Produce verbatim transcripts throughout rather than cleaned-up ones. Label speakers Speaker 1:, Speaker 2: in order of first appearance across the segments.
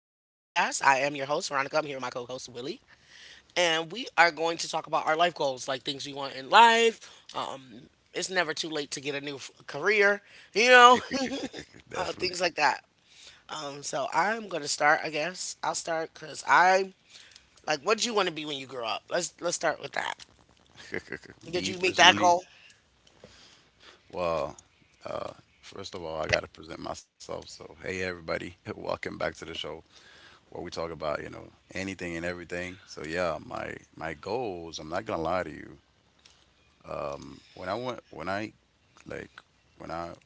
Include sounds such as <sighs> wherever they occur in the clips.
Speaker 1: I am your host, Veronica. I'm here with my co host, Willie. And we are going to talk about our life goals, like things we want in life. Um, it's never too late to get a new f- career, you know, <laughs>
Speaker 2: <laughs>
Speaker 1: uh, things
Speaker 2: Definitely.
Speaker 1: like that. Um, so I'm going to start, I guess. I'll start because I, like, what do you want to be when you grow up? Let's let's start with that.
Speaker 2: <laughs>
Speaker 1: Did
Speaker 2: Me
Speaker 1: you meet that
Speaker 2: personally.
Speaker 1: goal
Speaker 2: Well, uh, first of all, I got to present myself. So, hey everybody, <laughs> welcome back to the show where we talk about, you know, anything and everything. So yeah, my my goals. I'm not gonna lie to you. Um, when I went when I like when I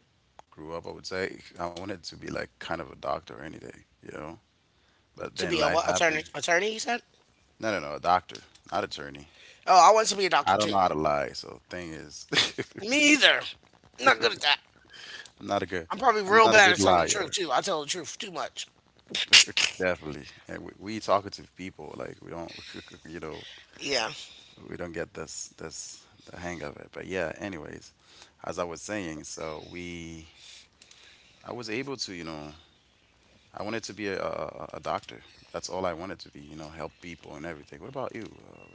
Speaker 2: grew up, I would say <laughs> I wanted to be like kind of a doctor or anything, you know. But
Speaker 1: to
Speaker 2: then
Speaker 1: be a
Speaker 2: life
Speaker 1: what, attorney?
Speaker 2: happened.
Speaker 1: Attorney, you said?
Speaker 2: No, no, no, a doctor, not attorney.
Speaker 1: Oh, I want to be a doctor
Speaker 2: I don't
Speaker 1: too.
Speaker 2: know how to lie. So thing is, <laughs>
Speaker 1: Me either. Not good at that.
Speaker 2: <laughs> I'm not a good.
Speaker 1: I'm probably
Speaker 2: I'm
Speaker 1: real
Speaker 2: not a
Speaker 1: bad at
Speaker 2: good
Speaker 1: telling the truth
Speaker 2: liar.
Speaker 1: too. I tell the truth too much.
Speaker 2: <laughs> Definitely. And we, we talkative people. Like we don't. <laughs> You know.
Speaker 1: Yeah,
Speaker 2: We don't get this. This. The hang of it. But yeah. Anyways, as I was saying, so we. I was able to. You know. I wanted to be a, a, a doctor. That's all I wanted to be. You know, help people and everything. What about you, uh,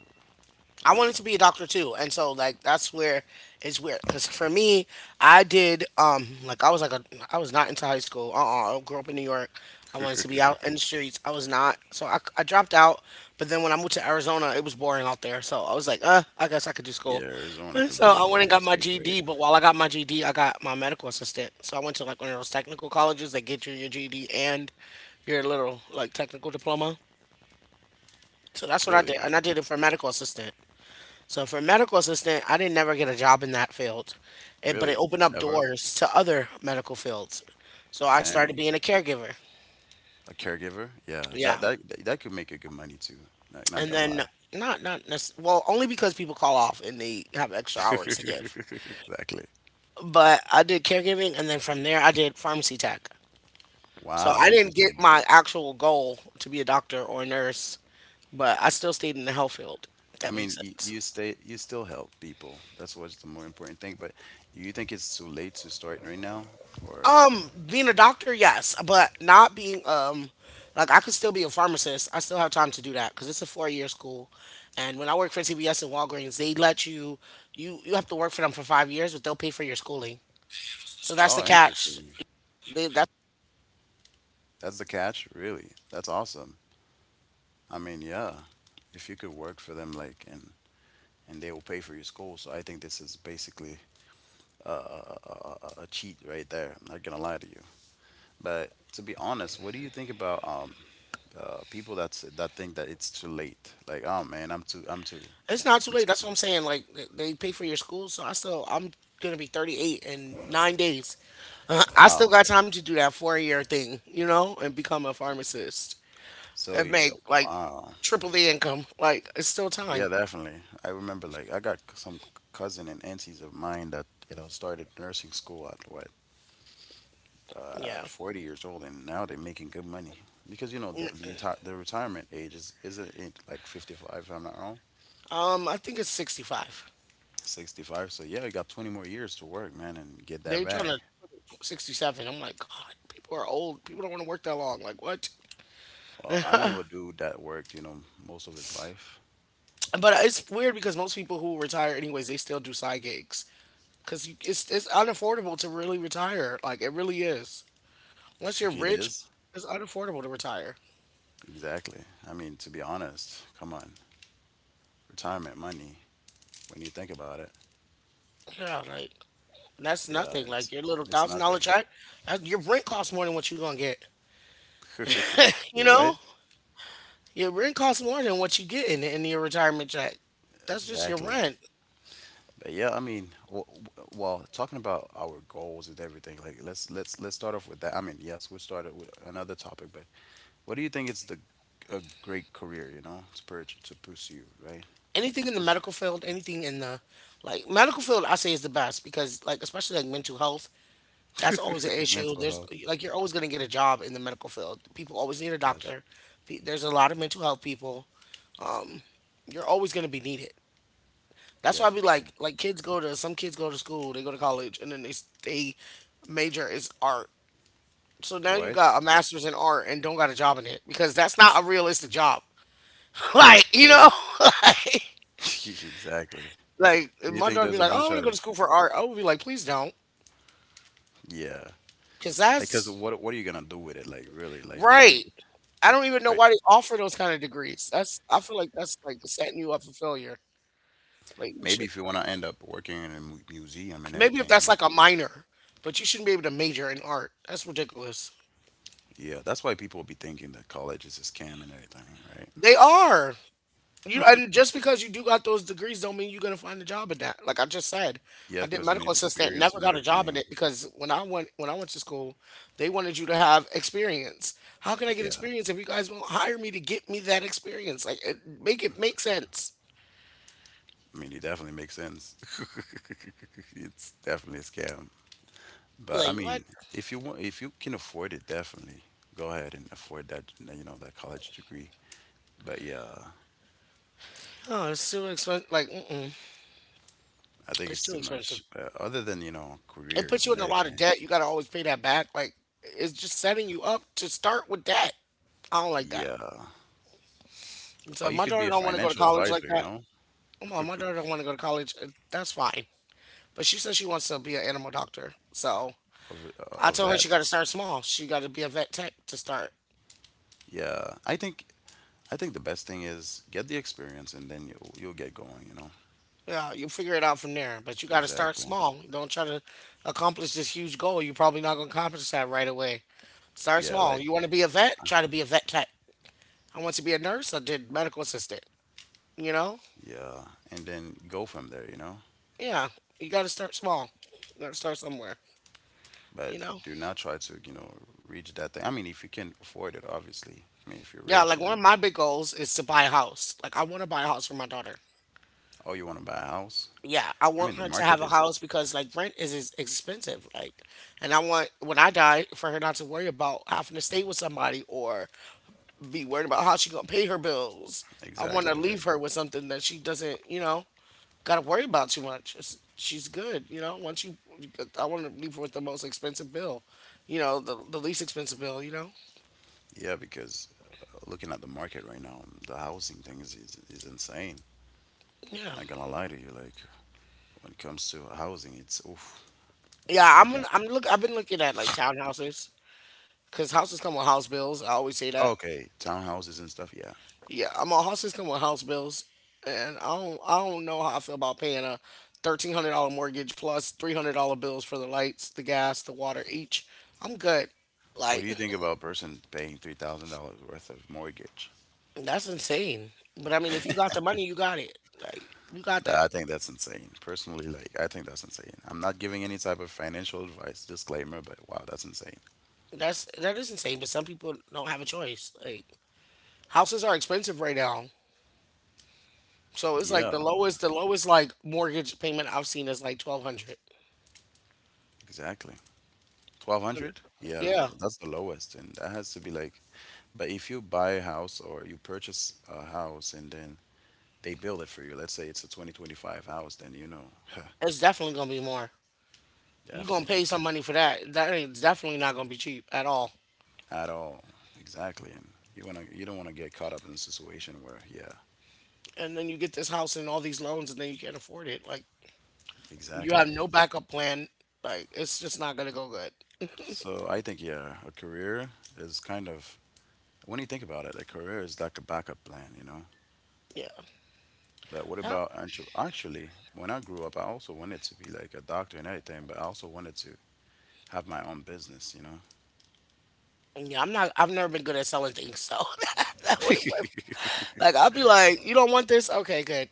Speaker 1: I wanted to
Speaker 2: Veronica?
Speaker 1: be a doctor too, and so like that's where it's weird because for me, I did um like I was like a I was not into high school. Uh uh I grew up in New York. I wanted to be out in the
Speaker 2: <laughs>
Speaker 1: streets. I was not, so I, I dropped out. But then when I moved to Arizona, it was boring out there, so I was like, uh, I guess I could do school.
Speaker 2: Yeah,
Speaker 1: <laughs>
Speaker 2: Arizona
Speaker 1: And so
Speaker 2: could be a
Speaker 1: I went and got
Speaker 2: boring
Speaker 1: my
Speaker 2: state,
Speaker 1: G D,
Speaker 2: right?
Speaker 1: but while I got my G E D, I got my medical assistant. So I went to like one of those technical colleges that get you your G D and your little like technical diploma. So that's what I did.
Speaker 2: Really,
Speaker 1: And I did it for medical assistant. So for medical assistant, I didn't never get a job in that field. It, but it
Speaker 2: really,
Speaker 1: opened up
Speaker 2: never,
Speaker 1: doors to other medical fields. So I started being
Speaker 2: man.
Speaker 1: a caregiver.
Speaker 2: A caregiver? Yeah,
Speaker 1: Yeah.
Speaker 2: that that that could make a good money too. Not, not
Speaker 1: And
Speaker 2: gonna
Speaker 1: then
Speaker 2: lie. <laughs>
Speaker 1: not not necess- well, only because people call off and they have extra hours to give.
Speaker 2: Exactly.
Speaker 1: But I did caregiving and then from there I did pharmacy tech. So I
Speaker 2: Wow,
Speaker 1: didn't get
Speaker 2: interesting.
Speaker 1: my actual goal to be a doctor or a nurse, but I still stayed in the health field, if that
Speaker 2: I
Speaker 1: makes
Speaker 2: mean, you,
Speaker 1: sense.
Speaker 2: you stay you still help people. That's what's the more important thing. But you think it's too late to start right now? Or
Speaker 1: Um, being a doctor, yes, but not being um, like I could still be a pharmacist. I still have time to do that because it's a four year school. And when I work for C V S and Walgreens, they let you you you have to work for them for five years, but they'll pay for your schooling. So that's the
Speaker 2: oh,
Speaker 1: catch.
Speaker 2: interesting.
Speaker 1: They that
Speaker 2: That's the catch, really. That's awesome. I mean, yeah. If you could work for them, like, and and they will pay for your school, so I think this is basically a, a a cheat right there. I'm not gonna lie to you. But to be honest, what do you think about um uh, people that's that think that it's too late. Like, oh man, I'm too, I'm too,
Speaker 1: It's not too
Speaker 2: I'm
Speaker 1: late.
Speaker 2: too.
Speaker 1: That's what I'm saying. Like they they pay for your school, so I still I'm gonna be thirty-eight in nine days. <laughs> Uh, I still
Speaker 2: Wow.
Speaker 1: got time to do that four year thing, you know, and become a pharmacist
Speaker 2: So,
Speaker 1: and
Speaker 2: y-
Speaker 1: make like
Speaker 2: wow.
Speaker 1: triple the income. Like it's still time.
Speaker 2: Yeah, definitely. I remember like I got c- some cousin and aunties of mine that you know started nursing school at what uh,
Speaker 1: Yeah.
Speaker 2: at forty years old, and now they're making good money because you know the
Speaker 1: N-
Speaker 2: the, reti- the retirement age is isn't it like fifty-five if I'm not wrong.
Speaker 1: Um, I think it's sixty-five.
Speaker 2: sixty-five, so yeah, you got twenty more years to work, man, and get that
Speaker 1: They're trying to
Speaker 2: bag.
Speaker 1: sixty-seven. I'm like, God, people are old. People don't want to work that long. Like, what? <laughs>
Speaker 2: Well, I knew
Speaker 1: But
Speaker 2: a dude that worked, you know, most of his life.
Speaker 1: it's weird because most people who retire anyways, they still do side gigs because it's it's unaffordable to really retire. Like, it really is. Once
Speaker 2: <laughs>
Speaker 1: you're
Speaker 2: It
Speaker 1: rich,
Speaker 2: is.
Speaker 1: it's unaffordable to retire.
Speaker 2: Exactly. I mean, to be honest, come on, retirement money. When you think about it,
Speaker 1: Yeah, like that's
Speaker 2: yeah,
Speaker 1: nothing.
Speaker 2: it's
Speaker 1: Like your little
Speaker 2: it's
Speaker 1: thousand dollar
Speaker 2: nothing.
Speaker 1: check, that, your rent costs more than what you're gonna get.
Speaker 2: <laughs>
Speaker 1: You
Speaker 2: Your
Speaker 1: know,
Speaker 2: what?
Speaker 1: your rent costs more than what you get in, in your retirement check. That's just your
Speaker 2: Exactly.
Speaker 1: rent.
Speaker 2: But yeah, I mean, w- w- well, talking about our goals and everything, like let's let's let's start off with that. I mean, yes, we started with another topic, but what do you think is the a great career, you know, to pur- to pursue, right?
Speaker 1: Anything in the
Speaker 2: What's
Speaker 1: medical field, anything in the like medical field, I say is the best because like especially like mental health, that's always an
Speaker 2: the- <laughs>
Speaker 1: issue.
Speaker 2: mental
Speaker 1: There's
Speaker 2: health?
Speaker 1: like you're always gonna get a job in the medical field. People always need a
Speaker 2: Yes.
Speaker 1: doctor. Pe- There's a lot of mental health people. Um, you're always gonna be needed. That's
Speaker 2: Yeah,
Speaker 1: why I
Speaker 2: for
Speaker 1: be like
Speaker 2: sure.
Speaker 1: like kids go to some kids go to school, they go to college, and then they s- they major is art. So now you
Speaker 2: What?
Speaker 1: got a master's in art and don't got a job in it because that's not a realistic job. <laughs> Like you know,
Speaker 2: Really?
Speaker 1: <laughs> like,
Speaker 2: <laughs> exactly.
Speaker 1: Like
Speaker 2: Do
Speaker 1: if
Speaker 2: you
Speaker 1: my
Speaker 2: think
Speaker 1: daughter
Speaker 2: there's
Speaker 1: be
Speaker 2: a
Speaker 1: like, "Oh, I
Speaker 2: bunch
Speaker 1: want to
Speaker 2: of
Speaker 1: go to school for art." I would be like, "Please don't,"
Speaker 2: yeah?
Speaker 1: because
Speaker 2: Because
Speaker 1: that's
Speaker 2: what what are you gonna do with it? Like really? Like is it
Speaker 1: right. I don't even know
Speaker 2: right?
Speaker 1: why they offer those kind of degrees. That's I feel like that's like setting you up for failure. Like you
Speaker 2: Maybe
Speaker 1: should
Speaker 2: if you wanna end up working in a mu- museum and
Speaker 1: maybe if
Speaker 2: everything, you
Speaker 1: that's
Speaker 2: know?
Speaker 1: like a minor, but you shouldn't be able to major in art. That's ridiculous.
Speaker 2: Yeah, that's why people be thinking that college is a scam and everything, right?
Speaker 1: They are. You and just because you do got those degrees don't mean you're gonna find a job in that. Like I just said, I
Speaker 2: Yeah,
Speaker 1: did
Speaker 2: because you
Speaker 1: medical
Speaker 2: need
Speaker 1: assistant,
Speaker 2: experience
Speaker 1: never
Speaker 2: and
Speaker 1: got a job in
Speaker 2: everything.
Speaker 1: it because when I went when I went to school, they wanted you to have experience. How can I get
Speaker 2: Yeah,
Speaker 1: experience if you guys won't hire me to get me that experience? Like it, make it make sense.
Speaker 2: I mean, it definitely makes sense. <laughs> It's definitely a scam. But I
Speaker 1: Like what?
Speaker 2: mean, if you want, if you can afford it, definitely go ahead and afford that, you know, that college degree. But yeah,
Speaker 1: Oh, it's too expensive. Like mm-mm,
Speaker 2: I think
Speaker 1: it's
Speaker 2: it's
Speaker 1: too
Speaker 2: too
Speaker 1: expensive.
Speaker 2: much. Uh, other than, you know,
Speaker 1: It puts
Speaker 2: careers
Speaker 1: you
Speaker 2: and
Speaker 1: in a lot of
Speaker 2: everything.
Speaker 1: debt. You gotta always pay that back. Like it's just setting you up to start with debt. I don't like that.
Speaker 2: Yeah.
Speaker 1: So
Speaker 2: Oh,
Speaker 1: if
Speaker 2: you
Speaker 1: my
Speaker 2: could be
Speaker 1: daughter
Speaker 2: a
Speaker 1: don't want to go to
Speaker 2: financial
Speaker 1: college like
Speaker 2: advisor, you
Speaker 1: that,
Speaker 2: know,
Speaker 1: well, my
Speaker 2: <laughs>
Speaker 1: my daughter want to go to college. uh, That's fine. But she says she wants to be an animal doctor. So
Speaker 2: of
Speaker 1: I
Speaker 2: a a
Speaker 1: told her she
Speaker 2: vet.
Speaker 1: got to start small. She got to be a vet tech to start.
Speaker 2: Yeah. I think I think the best thing is get the experience and then you you'll get going, you know.
Speaker 1: Yeah, you figure it out from there. But you got to start
Speaker 2: Exactly.
Speaker 1: small. Don't try to accomplish this huge goal. You're probably not going to accomplish that right away. Start
Speaker 2: Yeah,
Speaker 1: small.
Speaker 2: like
Speaker 1: You want to be a vet? Try to be a vet tech. I want to be a nurse. I did medical assistant. You know?
Speaker 2: yeah, and then go from there, you know.
Speaker 1: Yeah. You got to start small. You got to start somewhere.
Speaker 2: But
Speaker 1: You know?
Speaker 2: do not try to, you know, reach that thing. I mean, if you can afford it, obviously. I mean, if you're
Speaker 1: Yeah,
Speaker 2: rich,
Speaker 1: like
Speaker 2: you know,
Speaker 1: one of my big goals is to buy a house. Like, I want to buy a house for my daughter.
Speaker 2: oh, you want to buy a house.
Speaker 1: Yeah, I
Speaker 2: I mean,
Speaker 1: want
Speaker 2: the
Speaker 1: her to
Speaker 2: market
Speaker 1: have a
Speaker 2: is
Speaker 1: house because like rent is is expensive. Like, and I want when I die for her not to worry about having to stay with somebody or be worried about how she gonna pay her bills. I want to
Speaker 2: exactly right.
Speaker 1: leave her with something that she doesn't, you know, gotta worry about too much. It's, she's good, you know. Once you, I want to leave her with the most expensive bill, you know, the the least expensive bill, you know.
Speaker 2: Yeah, because uh, looking at the market right now, the housing thing is, is, is insane.
Speaker 1: Yeah,
Speaker 2: Not gonna lie to you, like when it comes to housing, it's oof.
Speaker 1: yeah.
Speaker 2: You
Speaker 1: I'm
Speaker 2: got
Speaker 1: gonna- I'm look. I've been looking at like townhouses because houses come with house bills. I always say that.
Speaker 2: okay, townhouses and stuff. Yeah.
Speaker 1: Yeah, I'm on her system with house bills, and I don't I don't know how I feel about paying a thirteen hundred dollar mortgage plus three hundred dollar bills for the lights, the gas, the water each. I'm good.
Speaker 2: What do you
Speaker 1: Like
Speaker 2: think about a person paying three thousand dollars worth of mortgage?
Speaker 1: that's insane. But I mean, if you got the money, you got it. Like you got
Speaker 2: That-
Speaker 1: that.
Speaker 2: I think that's insane. Personally, like I think that's insane. I'm not giving any type of financial advice, disclaimer, but wow, that's insane.
Speaker 1: That's that is insane. But some people don't have a choice. Like houses are expensive right now, so it's like
Speaker 2: Yeah,
Speaker 1: the lowest the lowest like mortgage payment I've seen is like twelve hundred.
Speaker 2: exactly. twelve hundred? Yeah,
Speaker 1: Yeah,
Speaker 2: th- that's the lowest, and that has to be like, but if you buy a house or you purchase a house and then they build it for you, let's say it's a twenty twenty-five house, then you know, <laughs>
Speaker 1: it's definitely gonna be more. You gonna
Speaker 2: definitely,
Speaker 1: pay some money for that. That ain't definitely not gonna be cheap at all.
Speaker 2: at all, exactly, and you wanna, you don't wanna get caught up in a situation where, yeah,
Speaker 1: And then you get this house and all these loans, and then you can't afford it. Like you
Speaker 2: exactly.
Speaker 1: have no backup plan. Like it's just not gonna go good.
Speaker 2: So I think, yeah, a career is kind of, when you think about it, a career is like a backup plan, you know?
Speaker 1: Yeah.
Speaker 2: But what
Speaker 1: Yeah.
Speaker 2: about, entre- actually, when I grew up, I also wanted to be like a doctor and everything, but I also wanted to have my own business, you know?
Speaker 1: Yeah, I'm not. I've never been good at selling things, so <laughs> that wouldn't work.
Speaker 2: <laughs>
Speaker 1: Like I'll be like, you don't want this? Okay, good.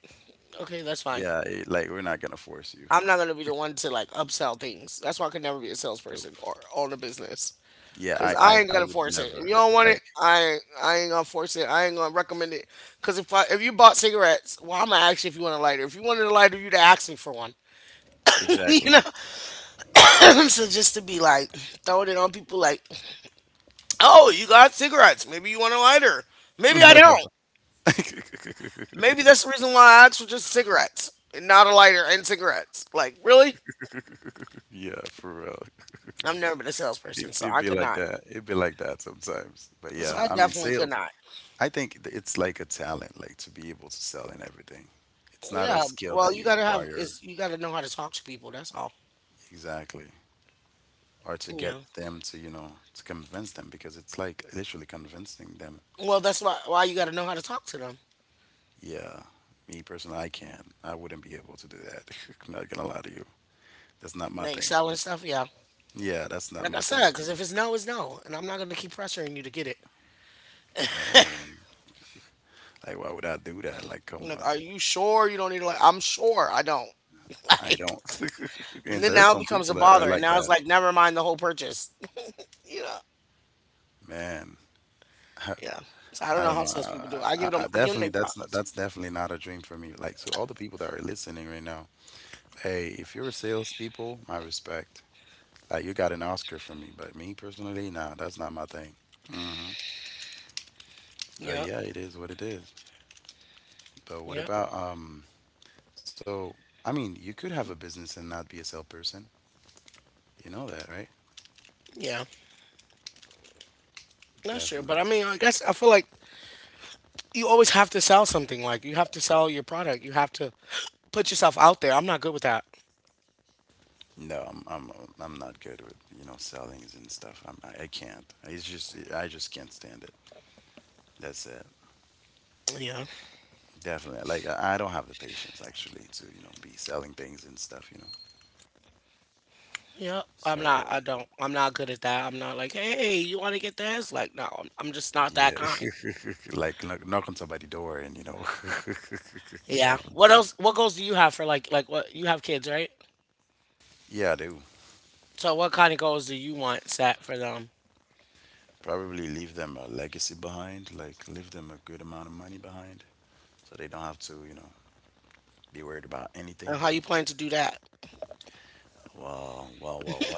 Speaker 1: Okay, that's fine.
Speaker 2: Yeah, it, like we're not gonna force you.
Speaker 1: I'm not gonna be the one to like upsell things. That's why I could never be a
Speaker 2: Nope.
Speaker 1: salesperson or own a business.
Speaker 2: Yeah,
Speaker 1: Cause
Speaker 2: I,
Speaker 1: I
Speaker 2: I,
Speaker 1: ain't
Speaker 2: I
Speaker 1: gonna
Speaker 2: would
Speaker 1: force it. If you
Speaker 2: never.
Speaker 1: don't want it,
Speaker 2: Like,
Speaker 1: I ain't, I ain't gonna force it. I ain't gonna recommend it. Cause if I, if you bought cigarettes, well, I'm gonna ask you if you want a lighter. If you wanted a lighter, you'd ask me for one. <laughs> You
Speaker 2: exactly.
Speaker 1: know. <clears throat> So just to be like throwing it on people, like, oh, you got cigarettes. Maybe you want a lighter. Maybe I
Speaker 2: <laughs>
Speaker 1: don't. Maybe that's the reason why I asked for just cigarettes and not a lighter and cigarettes. Like, really?
Speaker 2: Yeah, for real.
Speaker 1: I've never been a
Speaker 2: It,
Speaker 1: salesperson, so
Speaker 2: it'd
Speaker 1: I
Speaker 2: be
Speaker 1: could
Speaker 2: like
Speaker 1: not.
Speaker 2: that. It'd be like that sometimes. But
Speaker 1: So
Speaker 2: yeah,
Speaker 1: I
Speaker 2: I mean,
Speaker 1: definitely could
Speaker 2: sales,
Speaker 1: not.
Speaker 2: I think th- it's like a talent, like to be able to sell in everything. It's not a
Speaker 1: Yeah.
Speaker 2: skill
Speaker 1: Well,
Speaker 2: that
Speaker 1: you
Speaker 2: you
Speaker 1: gotta have
Speaker 2: acquire
Speaker 1: is you gotta know how to talk to people. That's all.
Speaker 2: exactly, or to get
Speaker 1: Yeah.
Speaker 2: them to, you know, to convince them because it's like literally convincing them.
Speaker 1: Well, that's why why you got to know how to talk to them
Speaker 2: Yeah, me personally, I can't. I wouldn't be able to do that. <laughs> I'm not gonna lie to you. That's not
Speaker 1: and
Speaker 2: my
Speaker 1: they
Speaker 2: thing.
Speaker 1: selling stuff. Yeah,
Speaker 2: Yeah, that's not
Speaker 1: like I
Speaker 2: my thing.
Speaker 1: said, because if it's no, it's no, and I'm not gonna keep pressuring you to get it.
Speaker 2: No, like why would I do that? Like, come
Speaker 1: I'm like,
Speaker 2: on,
Speaker 1: are you sure you don't need to? Like, I'm sure I don't. <laughs>
Speaker 2: I
Speaker 1: Like,
Speaker 2: don't. <laughs> And
Speaker 1: and then
Speaker 2: there's
Speaker 1: now it
Speaker 2: some
Speaker 1: becomes
Speaker 2: people
Speaker 1: a
Speaker 2: that are
Speaker 1: bother, and
Speaker 2: like
Speaker 1: now it's
Speaker 2: that,
Speaker 1: like, never mind the whole purchase. <laughs> You know?
Speaker 2: man. <laughs>
Speaker 1: Yeah. So I don't
Speaker 2: I
Speaker 1: know
Speaker 2: don't
Speaker 1: how
Speaker 2: know.
Speaker 1: salespeople do. It. I
Speaker 2: I,
Speaker 1: give
Speaker 2: I,
Speaker 1: them,
Speaker 2: I
Speaker 1: I give them
Speaker 2: definitely
Speaker 1: their
Speaker 2: that's not
Speaker 1: props.
Speaker 2: that's definitely not a dream for me. Like to all the people that are listening right now, hey, if you're salespeople, my respect. Like you got an Oscar from me, but me personally, nah, that's not my thing. Hmm. But
Speaker 1: Yeah,
Speaker 2: yeah, it is what it is. But what
Speaker 1: yeah,
Speaker 2: about um? So I mean, you could have a business and not be a salesperson. You know that, right?
Speaker 1: yeah. That's true.
Speaker 2: Definitely.
Speaker 1: But I
Speaker 2: So-
Speaker 1: mean, I guess I feel like you always have to sell something. Like you have to sell your product. You have to <gasps> put yourself out there. I'm not good with that.
Speaker 2: No, I'm I'm I'm not good with, you know, sellings and stuff. I'm I, I can't. It's just I just can't stand it. That's it.
Speaker 1: Yeah.
Speaker 2: Definitely. Like I, I don't have the patience actually to, you know, be selling things and stuff. You know.
Speaker 1: Yep, I'm not.
Speaker 2: So
Speaker 1: I don't. I'm not good at that. I'm not like, hey, you want to get this? Like, no, I'm, I'm just not
Speaker 2: yeah,
Speaker 1: that kind.
Speaker 2: <laughs> like knock, knock on somebody's door and, you know, <laughs>
Speaker 1: Yeah.
Speaker 2: definitely.
Speaker 1: What else? What goals do you have for like, like what you have kids, right?
Speaker 2: Yeah, I do.
Speaker 1: So, what kind of goals do you want set for them,
Speaker 2: Probably leave them a legacy behind, like leave them a good amount of money behind, so they don't have to, you know, be worried about anything.
Speaker 1: and how you plan to do that?
Speaker 2: Well, well, well,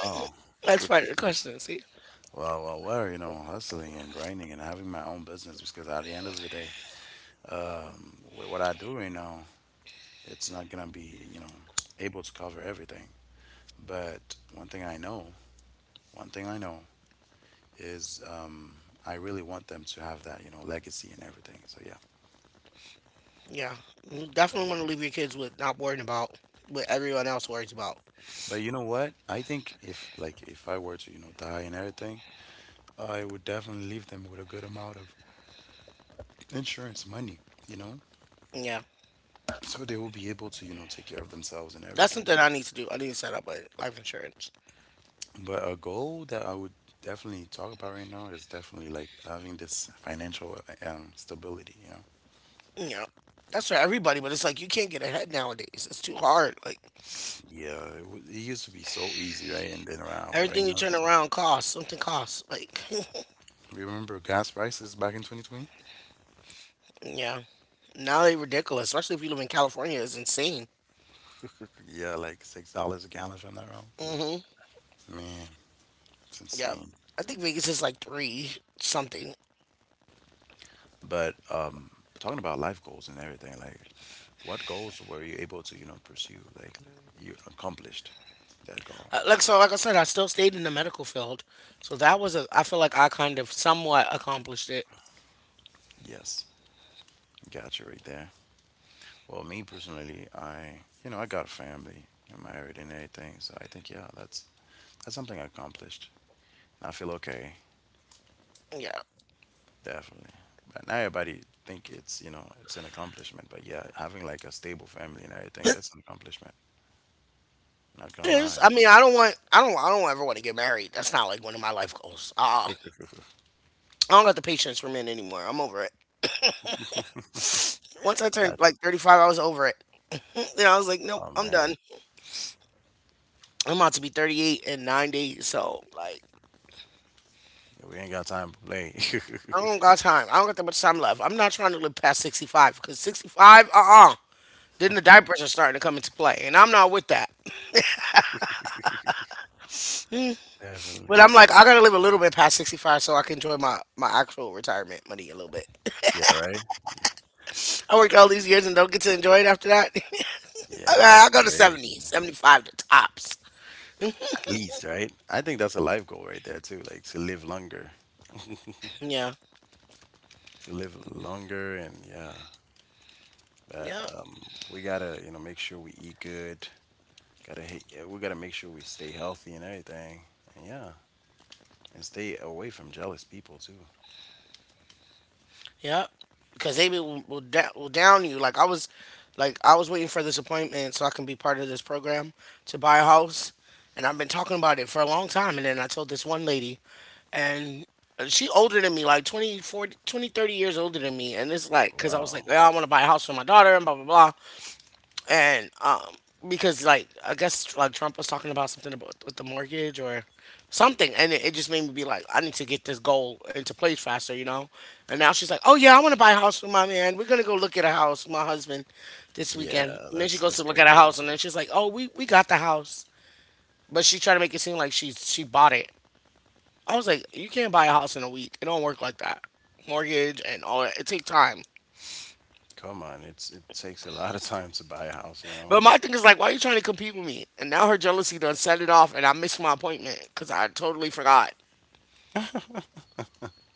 Speaker 1: That's
Speaker 2: well.
Speaker 1: part of the
Speaker 2: <laughs>
Speaker 1: question. See?
Speaker 2: Well, well, well, <laughs> you know, hustling and grinding and having my own business because at the end of the day, wh- what I do right now, it's not gonna be, you know, able to cover everything. But one thing I know, one thing I know is um, I really want them to have that, you know, legacy and everything. So yeah.
Speaker 1: Yeah. You
Speaker 2: But,
Speaker 1: definitely want to leave your kids with not worrying about what everyone else worries about.
Speaker 2: but you know what? I think if like if I were to, you know, die and everything, I would definitely leave them with a good amount of insurance money, you know,
Speaker 1: Yeah.
Speaker 2: so they will be able to, you know, take care of themselves and
Speaker 1: That's
Speaker 2: everything.
Speaker 1: something I need to do. I need to set up a life insurance.
Speaker 2: But a goal that I would definitely talk about right now is definitely like having this financial um, stability, you know.
Speaker 1: Yeah. That's for everybody, but it's like you can't get ahead nowadays. It's too hard. Like.
Speaker 2: Yeah, it, w it used to be so easy, right? And then around right
Speaker 1: Everything you
Speaker 2: now,
Speaker 1: turn
Speaker 2: it's,
Speaker 1: around costs. Something costs. Like,
Speaker 2: remember gas prices back in twenty twenty?
Speaker 1: <laughs> yeah. Now they ridiculous, especially if you live in California. It's insane.
Speaker 2: Yeah, like six dollars a gallon, if I'm not wrong.
Speaker 1: Hmm.
Speaker 2: Man, it's
Speaker 1: Yep.
Speaker 2: insane.
Speaker 1: I think Vegas is like three something.
Speaker 2: But um, talking about life goals and everything, like what goals were you able to, you know, pursue? Like you accomplished that goal.
Speaker 1: Uh, Like so, like I said, I still stayed in the medical field, so that was a. I feel like I kind of somewhat accomplished it.
Speaker 2: Yes, got you right there. Well, me personally, I, you know, I got a family, I'm married and everything, so I think yeah, that's that's something I accomplished. I feel okay,
Speaker 1: Yeah.
Speaker 2: definitely. But not everybody think it's, you know, it's an accomplishment, but yeah, having like a stable family and everything, that's an accomplishment. Not
Speaker 1: It
Speaker 2: gonna
Speaker 1: is.
Speaker 2: lie.
Speaker 1: I mean, I don't want. I don't. I don't ever want to get married. That's not like one of my life goals. Uh, uh. I don't got the patience for men anymore. I'm over it. Once I
Speaker 2: Got
Speaker 1: turned
Speaker 2: you.
Speaker 1: like thirty-five, I was over it. <laughs> Then I was like, nope,
Speaker 2: Oh
Speaker 1: I'm
Speaker 2: man,
Speaker 1: done. I'm about to be thirty-eight in ninety, so like
Speaker 2: we ain't got time to play.
Speaker 1: I don't
Speaker 2: <laughs>
Speaker 1: got time. I don't got that much time left. I'm not trying to live past sixty-five because sixty-five, uh uh Then the diapers are starting to come into play, and I'm not with that.
Speaker 2: Definitely.
Speaker 1: But I'm like, I gotta live a little bit past sixty-five so I can enjoy my, my actual retirement money a little bit.
Speaker 2: Yeah, right?
Speaker 1: I worked all these years and don't get to enjoy it after that. <laughs> Okay,
Speaker 2: Yeah,
Speaker 1: I'll
Speaker 2: that's
Speaker 1: go to
Speaker 2: crazy.
Speaker 1: seventy, seventy-five to tops.
Speaker 2: At least, right? I think that's a life goal right there too, like to live longer.
Speaker 1: Yeah.
Speaker 2: To live longer. And yeah,
Speaker 1: Yeah.
Speaker 2: we gotta you know make sure we eat good. Gotta hate, we gotta make sure we stay healthy and everything. And yeah. And stay away from jealous people too.
Speaker 1: Yep. Because they will, will, da- will down you. Like I was, like I was waiting for this appointment so I can be part of this program to buy a house, and I've been talking about it for a long time. And then I told this one lady, and uh, she older than me, like twenty, forty, twenty, thirty years older than me. And it's like, because I was
Speaker 2: Wow.
Speaker 1: like, yeah, I want to buy a house for my daughter and blah blah blah and um because like I guess like Trump was talking about something about with the mortgage or something, and it, it just made me be like, I need to get this goal into place faster, you know. And now she's like, "Oh yeah, I want to buy a house with my man. We're gonna go look at a house, with my husband, this
Speaker 2: Yeah,
Speaker 1: weekend." And then she
Speaker 2: that's
Speaker 1: goes
Speaker 2: that's
Speaker 1: to look at a
Speaker 2: crazy.
Speaker 1: house, and then she's like, "Oh, we we got the house," but she tried to make it seem like she she bought it. I was like, "You can't buy a house in a week. It don't work like that. Mortgage and all that. It take time."
Speaker 2: Come on, it's it takes a lot of time to buy a house you know
Speaker 1: But my thing is like, why are you trying to compete with me? And now her jealousy done set it off, and I missed my appointment because I totally forgot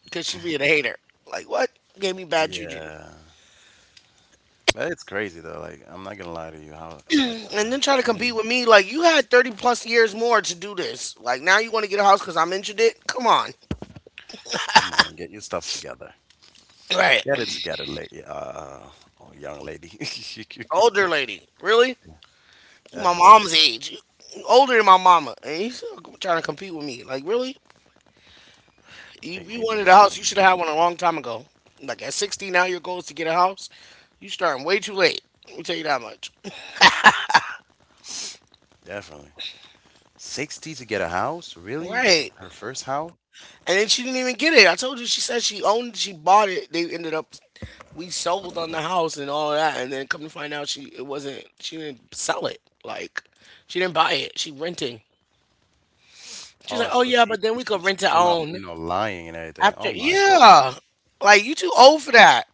Speaker 1: because she being a hater. Like what? Gave me bad juju.
Speaker 2: Yeah, but it's crazy though. Like, I'm not gonna lie to you, how uh, uh, uh,
Speaker 1: And then trying to
Speaker 2: how you
Speaker 1: compete with me, like you had thirty plus years more to do this. Like now you want to get a house because I mentioned it? Come on,
Speaker 2: come on, get your stuff together.
Speaker 1: right?
Speaker 2: Get it together, lady. Uh, uh uh, young lady. <laughs>
Speaker 1: Older lady, really? My
Speaker 2: Definitely.
Speaker 1: mom's age, older than my mama, and you still trying to compete with me? Like really? You,
Speaker 2: Think
Speaker 1: you
Speaker 2: maybe
Speaker 1: wanted a
Speaker 2: she
Speaker 1: house, you should have had one a long time ago. Like at sixty now, your goal is to get a house. You starting way too late. Let me tell you that much.
Speaker 2: definitely sixty to get a house? Really?
Speaker 1: Right.
Speaker 2: Her first house?
Speaker 1: And then she didn't even get it. I told you she said she owned she bought it. They ended up we sold on the house and all that and then come to find out she it wasn't she didn't sell it. Like she didn't buy it. She renting. She's like,
Speaker 2: Oh,
Speaker 1: "Oh
Speaker 2: so
Speaker 1: yeah,
Speaker 2: she
Speaker 1: but then
Speaker 2: she
Speaker 1: we
Speaker 2: she,
Speaker 1: could rent
Speaker 2: she
Speaker 1: to
Speaker 2: came out, you
Speaker 1: own
Speaker 2: know, lying and everything.
Speaker 1: after
Speaker 2: Oh my God.
Speaker 1: yeah." Like you too old for that.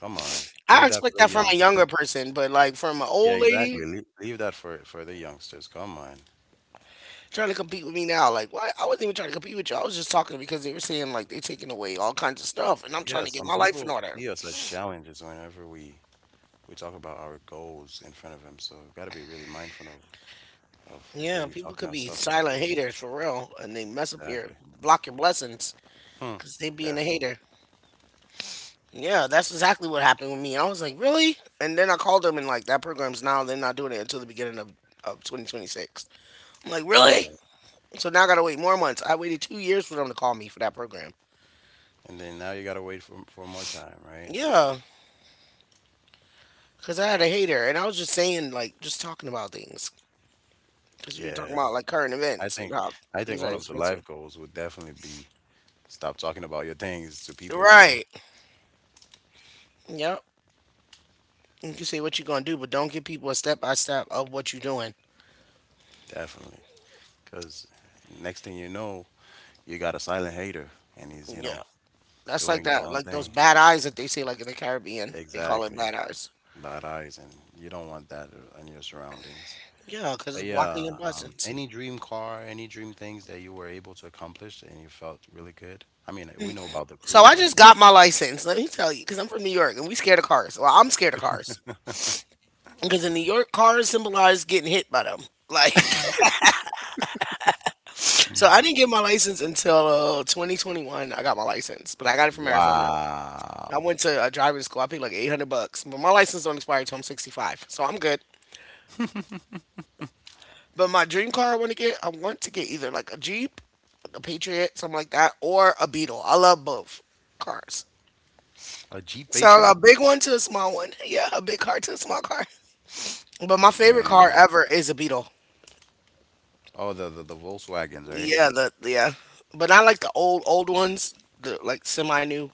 Speaker 2: Come on.
Speaker 1: I
Speaker 2: Leave that
Speaker 1: expect
Speaker 2: for the
Speaker 1: that from a
Speaker 2: youngsters.
Speaker 1: younger person, but like from an
Speaker 2: Yeah,
Speaker 1: old
Speaker 2: exactly.
Speaker 1: lady
Speaker 2: Leave, leave that for for the youngsters. Come on.
Speaker 1: trying to compete with me now, like why I wasn't even trying to compete with you. I was just talking because they were saying like they taking away all kinds of stuff and I'm trying
Speaker 2: Yeah,
Speaker 1: to get
Speaker 2: some
Speaker 1: my life in
Speaker 2: people
Speaker 1: order.
Speaker 2: see us as challenges whenever we we talk about our goals in front of them. So we've got to be really mindful of of who
Speaker 1: Yeah,
Speaker 2: we
Speaker 1: people
Speaker 2: talking
Speaker 1: could
Speaker 2: our
Speaker 1: be
Speaker 2: stuff to, you
Speaker 1: silent
Speaker 2: know.
Speaker 1: haters for real, and they mess up your
Speaker 2: Exactly.
Speaker 1: block your blessings
Speaker 2: Hmm.
Speaker 1: because they being a
Speaker 2: Definitely.
Speaker 1: hater. Yeah, that's exactly what happened with me. I was like, really? And then I called them and like that program's now they're not doing it until the beginning of of twenty twenty-six. I'm like,
Speaker 2: And yeah.
Speaker 1: really? So now I gotta wait more months. I waited two years for them to call me for that program.
Speaker 2: And then now you got to wait for for more time, right?
Speaker 1: Yeah, because I had a hater, and I was just saying like just talking about things because we were talking
Speaker 2: Yeah.
Speaker 1: about like current
Speaker 2: I
Speaker 1: events and
Speaker 2: think
Speaker 1: how
Speaker 2: I
Speaker 1: things
Speaker 2: think
Speaker 1: are
Speaker 2: one of the life
Speaker 1: expensive.
Speaker 2: goals would definitely be stop talking about your things to people, you know?
Speaker 1: Right. Yep. You can say what you're gonna do, but don't give people a step by step of what you're doing.
Speaker 2: Definitely. Cuz next thing you know, you got a silent hater and he's, you
Speaker 1: Yeah,
Speaker 2: know,
Speaker 1: that's like
Speaker 2: doing your
Speaker 1: that,
Speaker 2: own
Speaker 1: like those
Speaker 2: thing.
Speaker 1: bad eyes that they say, like in the Caribbean, they call it
Speaker 2: Exactly.
Speaker 1: bad eyes.
Speaker 2: Bad eyes and you don't want that uh, in your surroundings.
Speaker 1: Yeah, because
Speaker 2: But
Speaker 1: it's blocking your
Speaker 2: yeah, um,
Speaker 1: blessings.
Speaker 2: any dream car, any dream things that you were able to accomplish and you felt really good? I mean, we know about the
Speaker 1: So I
Speaker 2: cruises.
Speaker 1: just got my license. Let me tell you, because I'm from New York and we scared of cars. Well, I'm scared of cars because in New York, cars symbolize getting hit by them. Like, <laughs> so I didn't get my license until uh, twenty twenty-one. I got my license, but I got it from Arizona. I
Speaker 2: Wow.
Speaker 1: went to a driving school. I paid like eight hundred bucks, but my license don't expire until I'm sixty-five, so I'm good. But my dream car I want to get, I want to get either like a Jeep, like a Patriot, something like that, or a Beetle. I love both cars.
Speaker 2: A Jeep
Speaker 1: So a
Speaker 2: Patriot?
Speaker 1: big one to a small one. <laughs> Yeah, a big car to a small car. But my favorite car
Speaker 2: Man.
Speaker 1: ever is a Beetle.
Speaker 2: Oh, the, the, the Volkswagens, right?
Speaker 1: Yeah, the yeah. But I like the old old ones, the like semi new.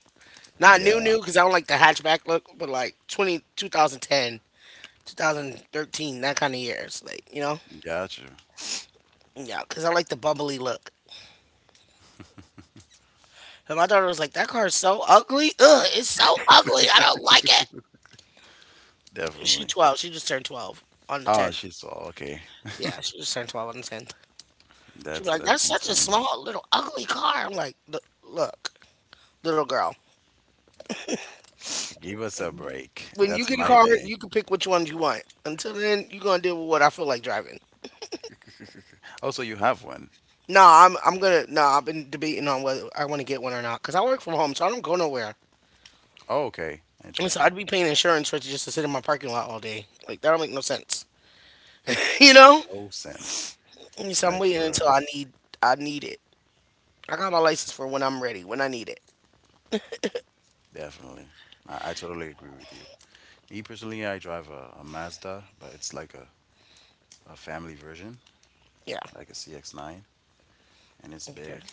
Speaker 1: Not new
Speaker 2: Yeah,
Speaker 1: new because I don't like the hatchback look, but like twenty, twenty ten, twenty thirteen, that kind of years, like you know.
Speaker 2: gotcha.
Speaker 1: Yeah, because I like the bubbly look. And my daughter was like, "That car is so ugly. Ugh, it's so ugly. I don't like it." She
Speaker 2: Definitely.
Speaker 1: twelve. She just turned twelve on the
Speaker 2: Oh,
Speaker 1: tenth.
Speaker 2: she saw. Okay,
Speaker 1: Yeah, she just turned twelve on the tenth. She'd
Speaker 2: that's
Speaker 1: be like, "That's
Speaker 2: that's
Speaker 1: such a
Speaker 2: insane.
Speaker 1: small little ugly car." I'm like, "Look, look, little girl.
Speaker 2: Give us a break.
Speaker 1: When you
Speaker 2: That's
Speaker 1: get a
Speaker 2: my
Speaker 1: car,
Speaker 2: day.
Speaker 1: you can pick which ones you want. Until then, you're gonna deal with what I feel like driving."
Speaker 2: <laughs> Oh, so you have one.
Speaker 1: No, I'm I'm gonna no. I've been debating on whether I want to get one or not because I work from home, so I don't go nowhere.
Speaker 2: Oh, okay.
Speaker 1: And so
Speaker 2: Interesting.
Speaker 1: I'd be paying insurance for it just to sit in my parking lot all day. Like that don't make no sense, <laughs> you know.
Speaker 2: No sense.
Speaker 1: And so I'm
Speaker 2: Like
Speaker 1: waiting
Speaker 2: for
Speaker 1: until
Speaker 2: real.
Speaker 1: I need I need it. I got my license for when I'm ready, when I need it.
Speaker 2: Definitely. I, I totally agree with you. Me personally, I drive a, a Mazda, but it's like a, a family version,
Speaker 1: Yeah.
Speaker 2: like a C X nine, and it's
Speaker 1: Okay.
Speaker 2: big.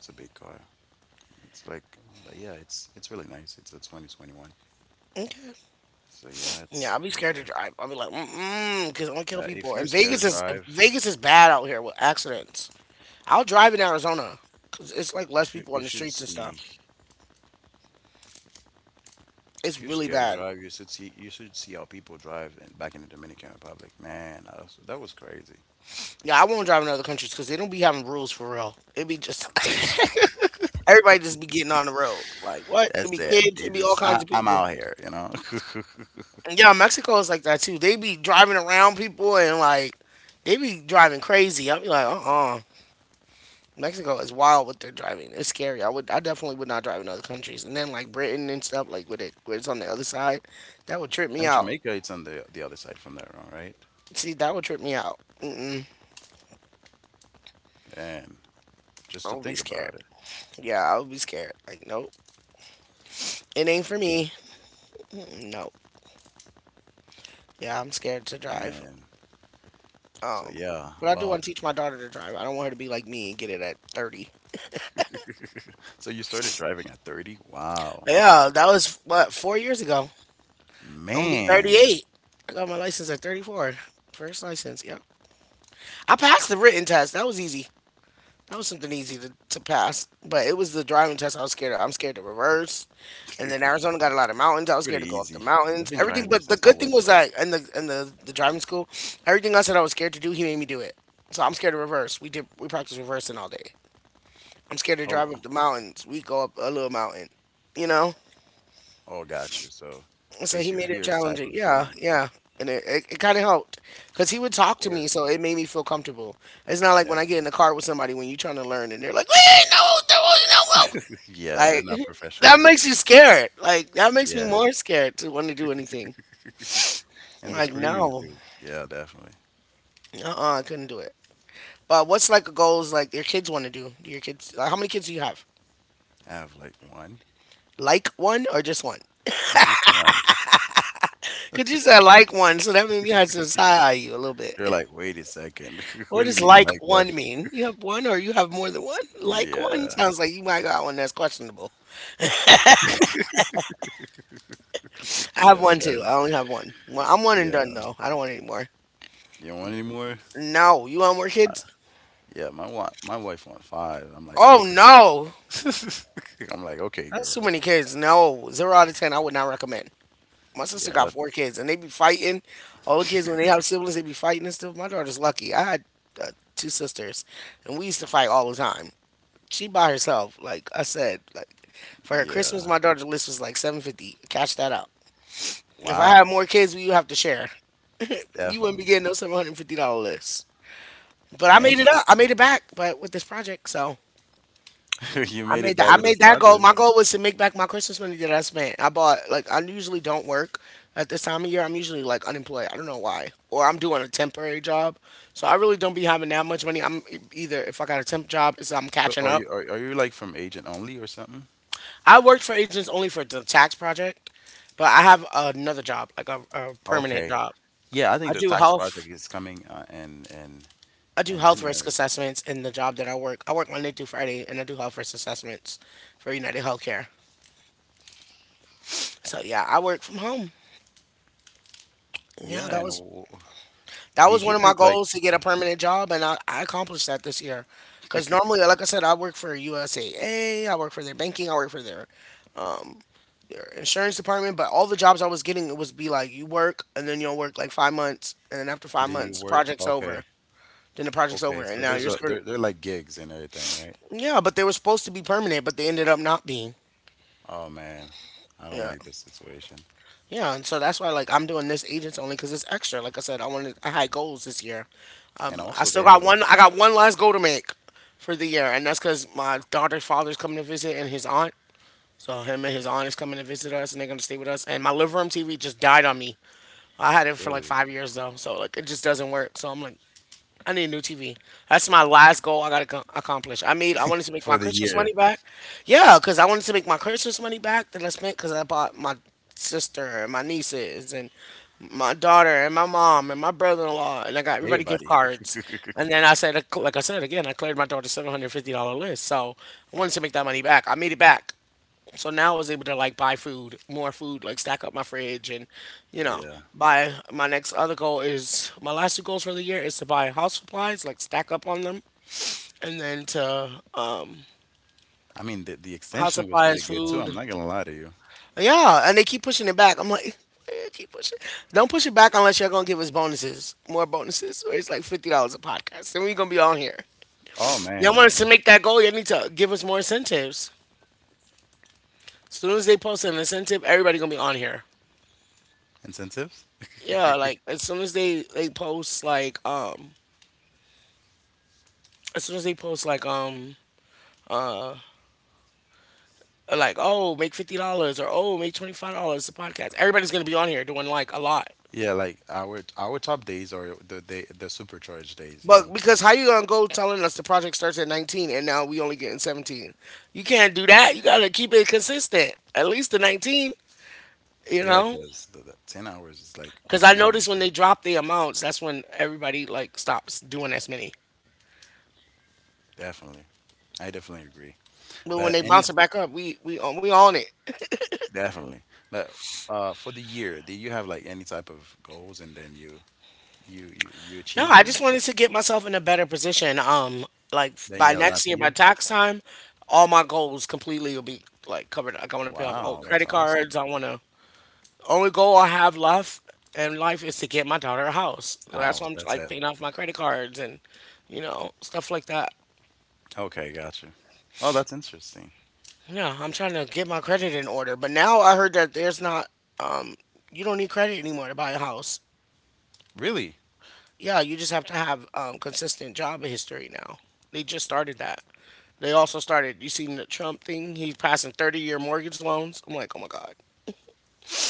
Speaker 2: It's a big car. It's like, but yeah, it's it's really nice. It's a twenty twenty-one.
Speaker 1: Okay.
Speaker 2: So yeah,
Speaker 1: Yeah,
Speaker 2: it's
Speaker 1: I'll be
Speaker 2: pretty
Speaker 1: scared to
Speaker 2: good.
Speaker 1: drive. I'll be like, mm mm, because I'm gonna kill
Speaker 2: But
Speaker 1: people.
Speaker 2: if you're
Speaker 1: And
Speaker 2: scared
Speaker 1: Vegas
Speaker 2: to
Speaker 1: is
Speaker 2: drive.
Speaker 1: Vegas is bad out here with accidents. I'll drive in Arizona because it's like
Speaker 2: You
Speaker 1: less
Speaker 2: should
Speaker 1: people on
Speaker 2: you
Speaker 1: the
Speaker 2: should
Speaker 1: streets and stuff.
Speaker 2: see.
Speaker 1: It's
Speaker 2: If you're
Speaker 1: really
Speaker 2: scared to
Speaker 1: bad.
Speaker 2: drive, You should see you should see how people drive, in, back in the Dominican Republic. Man, that was, that was crazy.
Speaker 1: Yeah, I won't drive in other countries because they don't be having rules for real. It be just <laughs> everybody just be getting on the road. Like what? It
Speaker 2: That's
Speaker 1: be
Speaker 2: it.
Speaker 1: kids. It
Speaker 2: They
Speaker 1: be all
Speaker 2: just I,
Speaker 1: kinds of
Speaker 2: I'm
Speaker 1: people.
Speaker 2: out here, you know. <laughs>
Speaker 1: And yeah, Mexico is like that too. They be driving around people and like they be driving crazy. I'll be like, uh uh Mexico is wild with their driving. It's scary. I would, I definitely would not drive in other countries. And then like Britain and stuff, like with it, where it's on the other side, that would trip me
Speaker 2: And
Speaker 1: out.
Speaker 2: Jamaica, it's on the the other side from there, all right?
Speaker 1: See, that would trip me out. Mm-mm.
Speaker 2: Man, just
Speaker 1: I
Speaker 2: to
Speaker 1: would be
Speaker 2: think about
Speaker 1: scared.
Speaker 2: it,
Speaker 1: Yeah, I would be scared. Like, nope, it ain't for
Speaker 2: just
Speaker 1: me. Nope. Yeah, I'm scared to drive.
Speaker 2: man. So
Speaker 1: Um,
Speaker 2: yeah,
Speaker 1: but I do
Speaker 2: well.
Speaker 1: want to teach my daughter to drive. I don't want her to be like me and get it at thirty.
Speaker 2: <laughs> So you started driving at thirty? Wow,
Speaker 1: But yeah, that was what four years ago. I'm gonna be
Speaker 2: man.
Speaker 1: thirty-eight. I got my license at thirty-four. First license. Yep. I passed the written test. That was easy. That was something easy to, to pass, but it was the driving test I was scared of. I'm scared to reverse,
Speaker 2: <laughs>
Speaker 1: and then Arizona got a lot of mountains. I was scared
Speaker 2: Pretty
Speaker 1: to go up the
Speaker 2: easy. I've
Speaker 1: mountains,
Speaker 2: been
Speaker 1: everything.
Speaker 2: driving
Speaker 1: But the
Speaker 2: since I
Speaker 1: good thing
Speaker 2: was
Speaker 1: was
Speaker 2: like,
Speaker 1: that in the in the, the driving school, everything I said I was scared to do, he made me do it. So I'm scared to reverse. We did we practiced reversing all day. I'm scared to
Speaker 2: oh.
Speaker 1: drive up the mountains. We go up a little mountain, you know.
Speaker 2: Oh, got you. So
Speaker 1: And so he
Speaker 2: face your
Speaker 1: made it
Speaker 2: fears type
Speaker 1: challenging.
Speaker 2: of, you
Speaker 1: Yeah,
Speaker 2: know.
Speaker 1: yeah. And it, it, it kind of helped because he would
Speaker 2: Of
Speaker 1: talk to me,
Speaker 2: course.
Speaker 1: so it made me feel comfortable. It's not like when I get in
Speaker 2: Definitely.
Speaker 1: the
Speaker 2: <laughs>
Speaker 1: car with somebody when you're trying to learn and they're like, "We ain't know what to do,
Speaker 2: Yeah, they're
Speaker 1: you know,
Speaker 2: not
Speaker 1: like <laughs> that
Speaker 2: professional.
Speaker 1: makes you scared." Like that makes me
Speaker 2: Yeah.
Speaker 1: more scared to want to do anything.
Speaker 2: And the
Speaker 1: Like
Speaker 2: screaming
Speaker 1: no,
Speaker 2: too. Yeah, definitely.
Speaker 1: uh-uh, I couldn't do it. But what's like a goals like your kids want to do? Do your kids? Like, how many kids do you have?
Speaker 2: I have like one.
Speaker 1: Like one or just one?
Speaker 2: <laughs> Just one.
Speaker 1: Cause you said like one, so that made me have to side eye you a little bit.
Speaker 2: You're
Speaker 1: <laughs>
Speaker 2: like, wait a second. <laughs> What
Speaker 1: What
Speaker 2: do you
Speaker 1: does
Speaker 2: mean
Speaker 1: like
Speaker 2: like what?
Speaker 1: one mean? You have one or you have more than one? Like one
Speaker 2: Yeah.
Speaker 1: sounds like you might got one that's questionable.
Speaker 2: <laughs>
Speaker 1: I have
Speaker 2: Yeah.
Speaker 1: one too.
Speaker 2: That-
Speaker 1: I only have one. Well, I'm one and done
Speaker 2: yeah.
Speaker 1: though. I don't want any more.
Speaker 2: You don't want any more?
Speaker 1: No, you want more
Speaker 2: Uh,
Speaker 1: kids?
Speaker 2: yeah, my wa- my wife want five. I'm like,
Speaker 1: Oh
Speaker 2: okay.
Speaker 1: no.
Speaker 2: <laughs> I'm like, okay,
Speaker 1: That's
Speaker 2: girl.
Speaker 1: too many kids. No, zero out of ten. I would not recommend. My sister
Speaker 2: Yeah,
Speaker 1: got four
Speaker 2: that's
Speaker 1: kids, and they be fighting. All the kids when they have siblings, they be fighting and stuff. My daughter's lucky. I had uh, two sisters, and we used to fight all the time. She by herself. Like I said, like for her
Speaker 2: yeah.
Speaker 1: Christmas, my daughter's list was like seven fifty. Cash that out. If I had
Speaker 2: Wow.
Speaker 1: more kids, we would have to share. You wouldn't be
Speaker 2: Definitely.
Speaker 1: getting no seven hundred fifty dollar list. But I made it
Speaker 2: Anxious.
Speaker 1: up. I made it back, but with this project. So
Speaker 2: <laughs> You
Speaker 1: I
Speaker 2: made it
Speaker 1: made that.
Speaker 2: back
Speaker 1: I
Speaker 2: with this
Speaker 1: made that goal.
Speaker 2: project.
Speaker 1: My goal was to make back my Christmas money that I spent. I bought like I usually don't work at this time of year. I'm usually like unemployed. I don't know why, or I'm doing a temporary job. So I really don't be having that much money. I'm e- either if I got a temp job, is I'm
Speaker 2: So
Speaker 1: catching
Speaker 2: are
Speaker 1: up.
Speaker 2: you are, are you like from Agent Only or something?
Speaker 1: I worked for agents only for the tax project, but I have another job, like a, a permanent
Speaker 2: Okay.
Speaker 1: job.
Speaker 2: Yeah, I think
Speaker 1: I
Speaker 2: the
Speaker 1: do
Speaker 2: tax project
Speaker 1: health.
Speaker 2: is coming uh, in in
Speaker 1: I do
Speaker 2: in
Speaker 1: health risk
Speaker 2: January.
Speaker 1: assessments in the job that I work. I work Monday through Friday, and I do health risk assessments for United Healthcare. So yeah, I work from home. Yeah,
Speaker 2: Yeah,
Speaker 1: that
Speaker 2: and
Speaker 1: was
Speaker 2: w- w-
Speaker 1: That was
Speaker 2: did
Speaker 1: one
Speaker 2: you
Speaker 1: of my
Speaker 2: think like.
Speaker 1: goals to get a permanent job, and I, I accomplished that this year. Because
Speaker 2: <laughs>
Speaker 1: normally, like I said, I work for U S A A, I work for their banking, I work for their insurance department, but all the jobs I was getting, it was be like, you work, and then you'll work like five months, and then after five
Speaker 2: Did you
Speaker 1: months, the
Speaker 2: work?
Speaker 1: project's over.
Speaker 2: Okay,
Speaker 1: Then the project's over,
Speaker 2: okay.
Speaker 1: and
Speaker 2: So
Speaker 1: now
Speaker 2: there's
Speaker 1: you're
Speaker 2: a
Speaker 1: screwed.
Speaker 2: they're they're like gigs and everything, right?
Speaker 1: Yeah, but they were supposed to be permanent, but they ended up not being.
Speaker 2: Oh man, I don't
Speaker 1: Yeah.
Speaker 2: like this situation.
Speaker 1: Yeah, and so that's why, like, I'm doing this agents only because it's extra. Like I said, I wanted, I had goals this year.
Speaker 2: And
Speaker 1: I
Speaker 2: also
Speaker 1: still
Speaker 2: they have
Speaker 1: got
Speaker 2: like
Speaker 1: one. I got one last goal to make for the year, and that's because my daughter's father's coming to visit and his aunt. So him and his aunt is coming to visit us, and they're gonna stay with us. And my living room T V just died on me. I had it for like
Speaker 2: really
Speaker 1: five years though, so like it just doesn't work. So I'm like, I need a new T V. That's my last goal I gotta co- accomplish. I made. I wanted to make my
Speaker 2: for the
Speaker 1: Christmas money
Speaker 2: year,
Speaker 1: back. Yeah, cause I wanted to make my Christmas money back that I spent because I bought my sister and my nieces and my daughter and my mom and my brother-in-law, and I got everybody gift
Speaker 2: everybody.
Speaker 1: cards. And then I
Speaker 2: <laughs>
Speaker 1: said, like I said again, I cleared my daughter's seven hundred fifty dollar list. So I wanted to make that money back. I made it back. So now I was able to like buy food, more food, like stack up my fridge and, you know,
Speaker 2: Yeah,
Speaker 1: buy my next other goal is my last two goals for the year is to buy house supplies, like stack up on them, and then to um
Speaker 2: I mean the the
Speaker 1: house
Speaker 2: extension was pretty
Speaker 1: supplies,
Speaker 2: good too. I'm
Speaker 1: food.
Speaker 2: not gonna lie to you.
Speaker 1: Yeah, and they keep pushing it back. I'm like, <laughs> keep pushing. Don't push it back unless you're gonna give us bonuses, more bonuses, or it's like fifty dollars a podcast, and we're gonna be on here.
Speaker 2: Oh man,
Speaker 1: Y'all
Speaker 2: I,
Speaker 1: want us to make that goal? You need to give us more incentives. As soon as they post an incentive, everybody gonna be on here.
Speaker 2: incentives.
Speaker 1: Yeah, like as soon as they they post like um as soon as they post like um like, oh, make fifty dollars or, oh, make twenty five dollars the podcast, everybody's gonna be on here doing like a lot.
Speaker 2: Yeah, like our our top days are the day the supercharged days, you
Speaker 1: But
Speaker 2: know.
Speaker 1: because how you gonna go telling us the project starts at nineteen and now we only getting seventeen? You can't do that. You gotta keep it consistent. At least the nineteen, you
Speaker 2: Yeah,
Speaker 1: know.
Speaker 2: because the, the ten hours is like
Speaker 1: Because I
Speaker 2: one
Speaker 1: noticed
Speaker 2: ninety.
Speaker 1: when they drop the amounts, that's when everybody like stops doing as many.
Speaker 2: Definitely, I definitely agree.
Speaker 1: But when
Speaker 2: But
Speaker 1: they
Speaker 2: any
Speaker 1: bounce it back up, we we on we on it.
Speaker 2: definitely, but uh, for the year, do you have like any type of goals and then you you you you
Speaker 1: No,
Speaker 2: achieved
Speaker 1: I
Speaker 2: them?
Speaker 1: just wanted to get myself in a better position. Um, like
Speaker 2: Then
Speaker 1: by
Speaker 2: yeah,
Speaker 1: next
Speaker 2: last
Speaker 1: year, by
Speaker 2: year.
Speaker 1: tax time, all my goals completely will be like covered. Like I want to pay off old
Speaker 2: Wow,
Speaker 1: credit
Speaker 2: that's
Speaker 1: cards.
Speaker 2: awesome.
Speaker 1: I want to. Only goal I have left in life is to get my daughter a house. So that's
Speaker 2: Wow,
Speaker 1: why I'm
Speaker 2: that's
Speaker 1: like
Speaker 2: it.
Speaker 1: paying off my credit cards and, you know, stuff like that.
Speaker 2: Okay, gotcha. Oh, that's interesting.
Speaker 1: Yeah, I'm trying to get my credit in order. But now I heard that there's not. Um, you don't need credit anymore to buy a house.
Speaker 2: Really,
Speaker 1: Yeah, you just have to have um, consistent job history now. They just started that. They also started. You seen the Trump thing? He's passing thirty-year mortgage loans. I'm like, oh my god,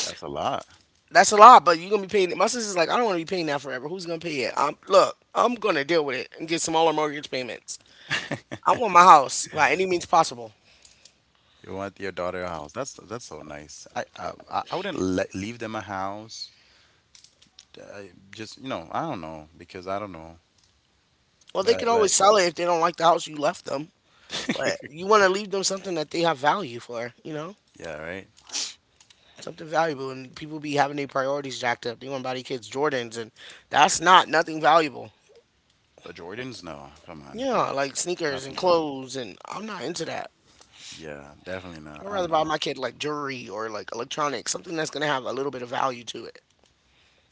Speaker 2: that's a lot.
Speaker 1: that's a lot. But you're gonna be paying it. My sister's like, I don't want to be paying that forever. Who's gonna pay it? I'm look. I'm gonna deal with it and get smaller mortgage payments. I want my house by any means possible.
Speaker 2: You want your daughter a house. That's that's so nice. I I, I I wouldn't le leave them a house. I just, you know I don't know, because I don't know,
Speaker 1: Well, they can
Speaker 2: but
Speaker 1: always
Speaker 2: like.
Speaker 1: sell it if they don't like the house you left them. But
Speaker 2: <laughs>
Speaker 1: you want to leave them something that they have value for. You know,
Speaker 2: Yeah, right?
Speaker 1: something valuable, and people be having their priorities jacked up. They want to buy their kids Jordans, and that's not nothing valuable.
Speaker 2: But Jordans, no, come on,
Speaker 1: Yeah, like sneakers and
Speaker 2: nothing really.
Speaker 1: clothes, and I'm not into that.
Speaker 2: Yeah, definitely not.
Speaker 1: I'd rather
Speaker 2: I'm
Speaker 1: buy
Speaker 2: not.
Speaker 1: my kid like jewelry or like electronics, something that's gonna have a little bit of value to it.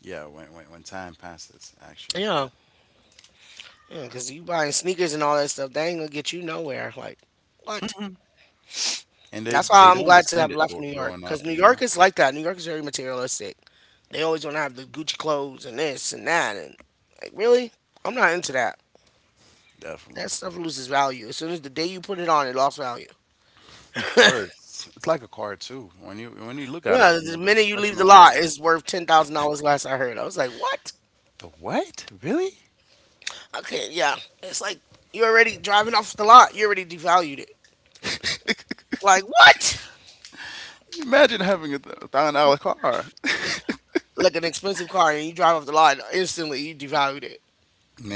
Speaker 2: Yeah, when when, when time passes, actually,
Speaker 1: Yeah,
Speaker 2: yeah,
Speaker 1: yeah, because you buying sneakers and all that stuff, that ain't gonna get you nowhere. Like, what?
Speaker 2: and they
Speaker 1: That's why
Speaker 2: they
Speaker 1: I'm
Speaker 2: don't
Speaker 1: glad to
Speaker 2: understand
Speaker 1: have
Speaker 2: it
Speaker 1: left
Speaker 2: gro-
Speaker 1: New York,
Speaker 2: growing
Speaker 1: because
Speaker 2: up,
Speaker 1: New
Speaker 2: you
Speaker 1: York
Speaker 2: know.
Speaker 1: is like that. New York is very materialistic. They always want to have the Gucci clothes and this and that, and like, really, I'm not into that.
Speaker 2: Definitely,
Speaker 1: That stuff loses value. As soon as the day you put it on, it lost value.
Speaker 2: of course, it's like a car too. When you when you look at it,
Speaker 1: Yeah,
Speaker 2: you
Speaker 1: the
Speaker 2: know, the
Speaker 1: minute you leave the
Speaker 2: professional way.
Speaker 1: lot, it's worth ten thousand dollars. Last I heard, I was like, "What?"
Speaker 2: The what? Really?
Speaker 1: Okay, yeah, it's like you already driving off the lot. You already devalued it. Like what?
Speaker 2: Imagine having a th- a thousand dollar car,
Speaker 1: Like an expensive car, and you drive off the lot instantly. You devalued it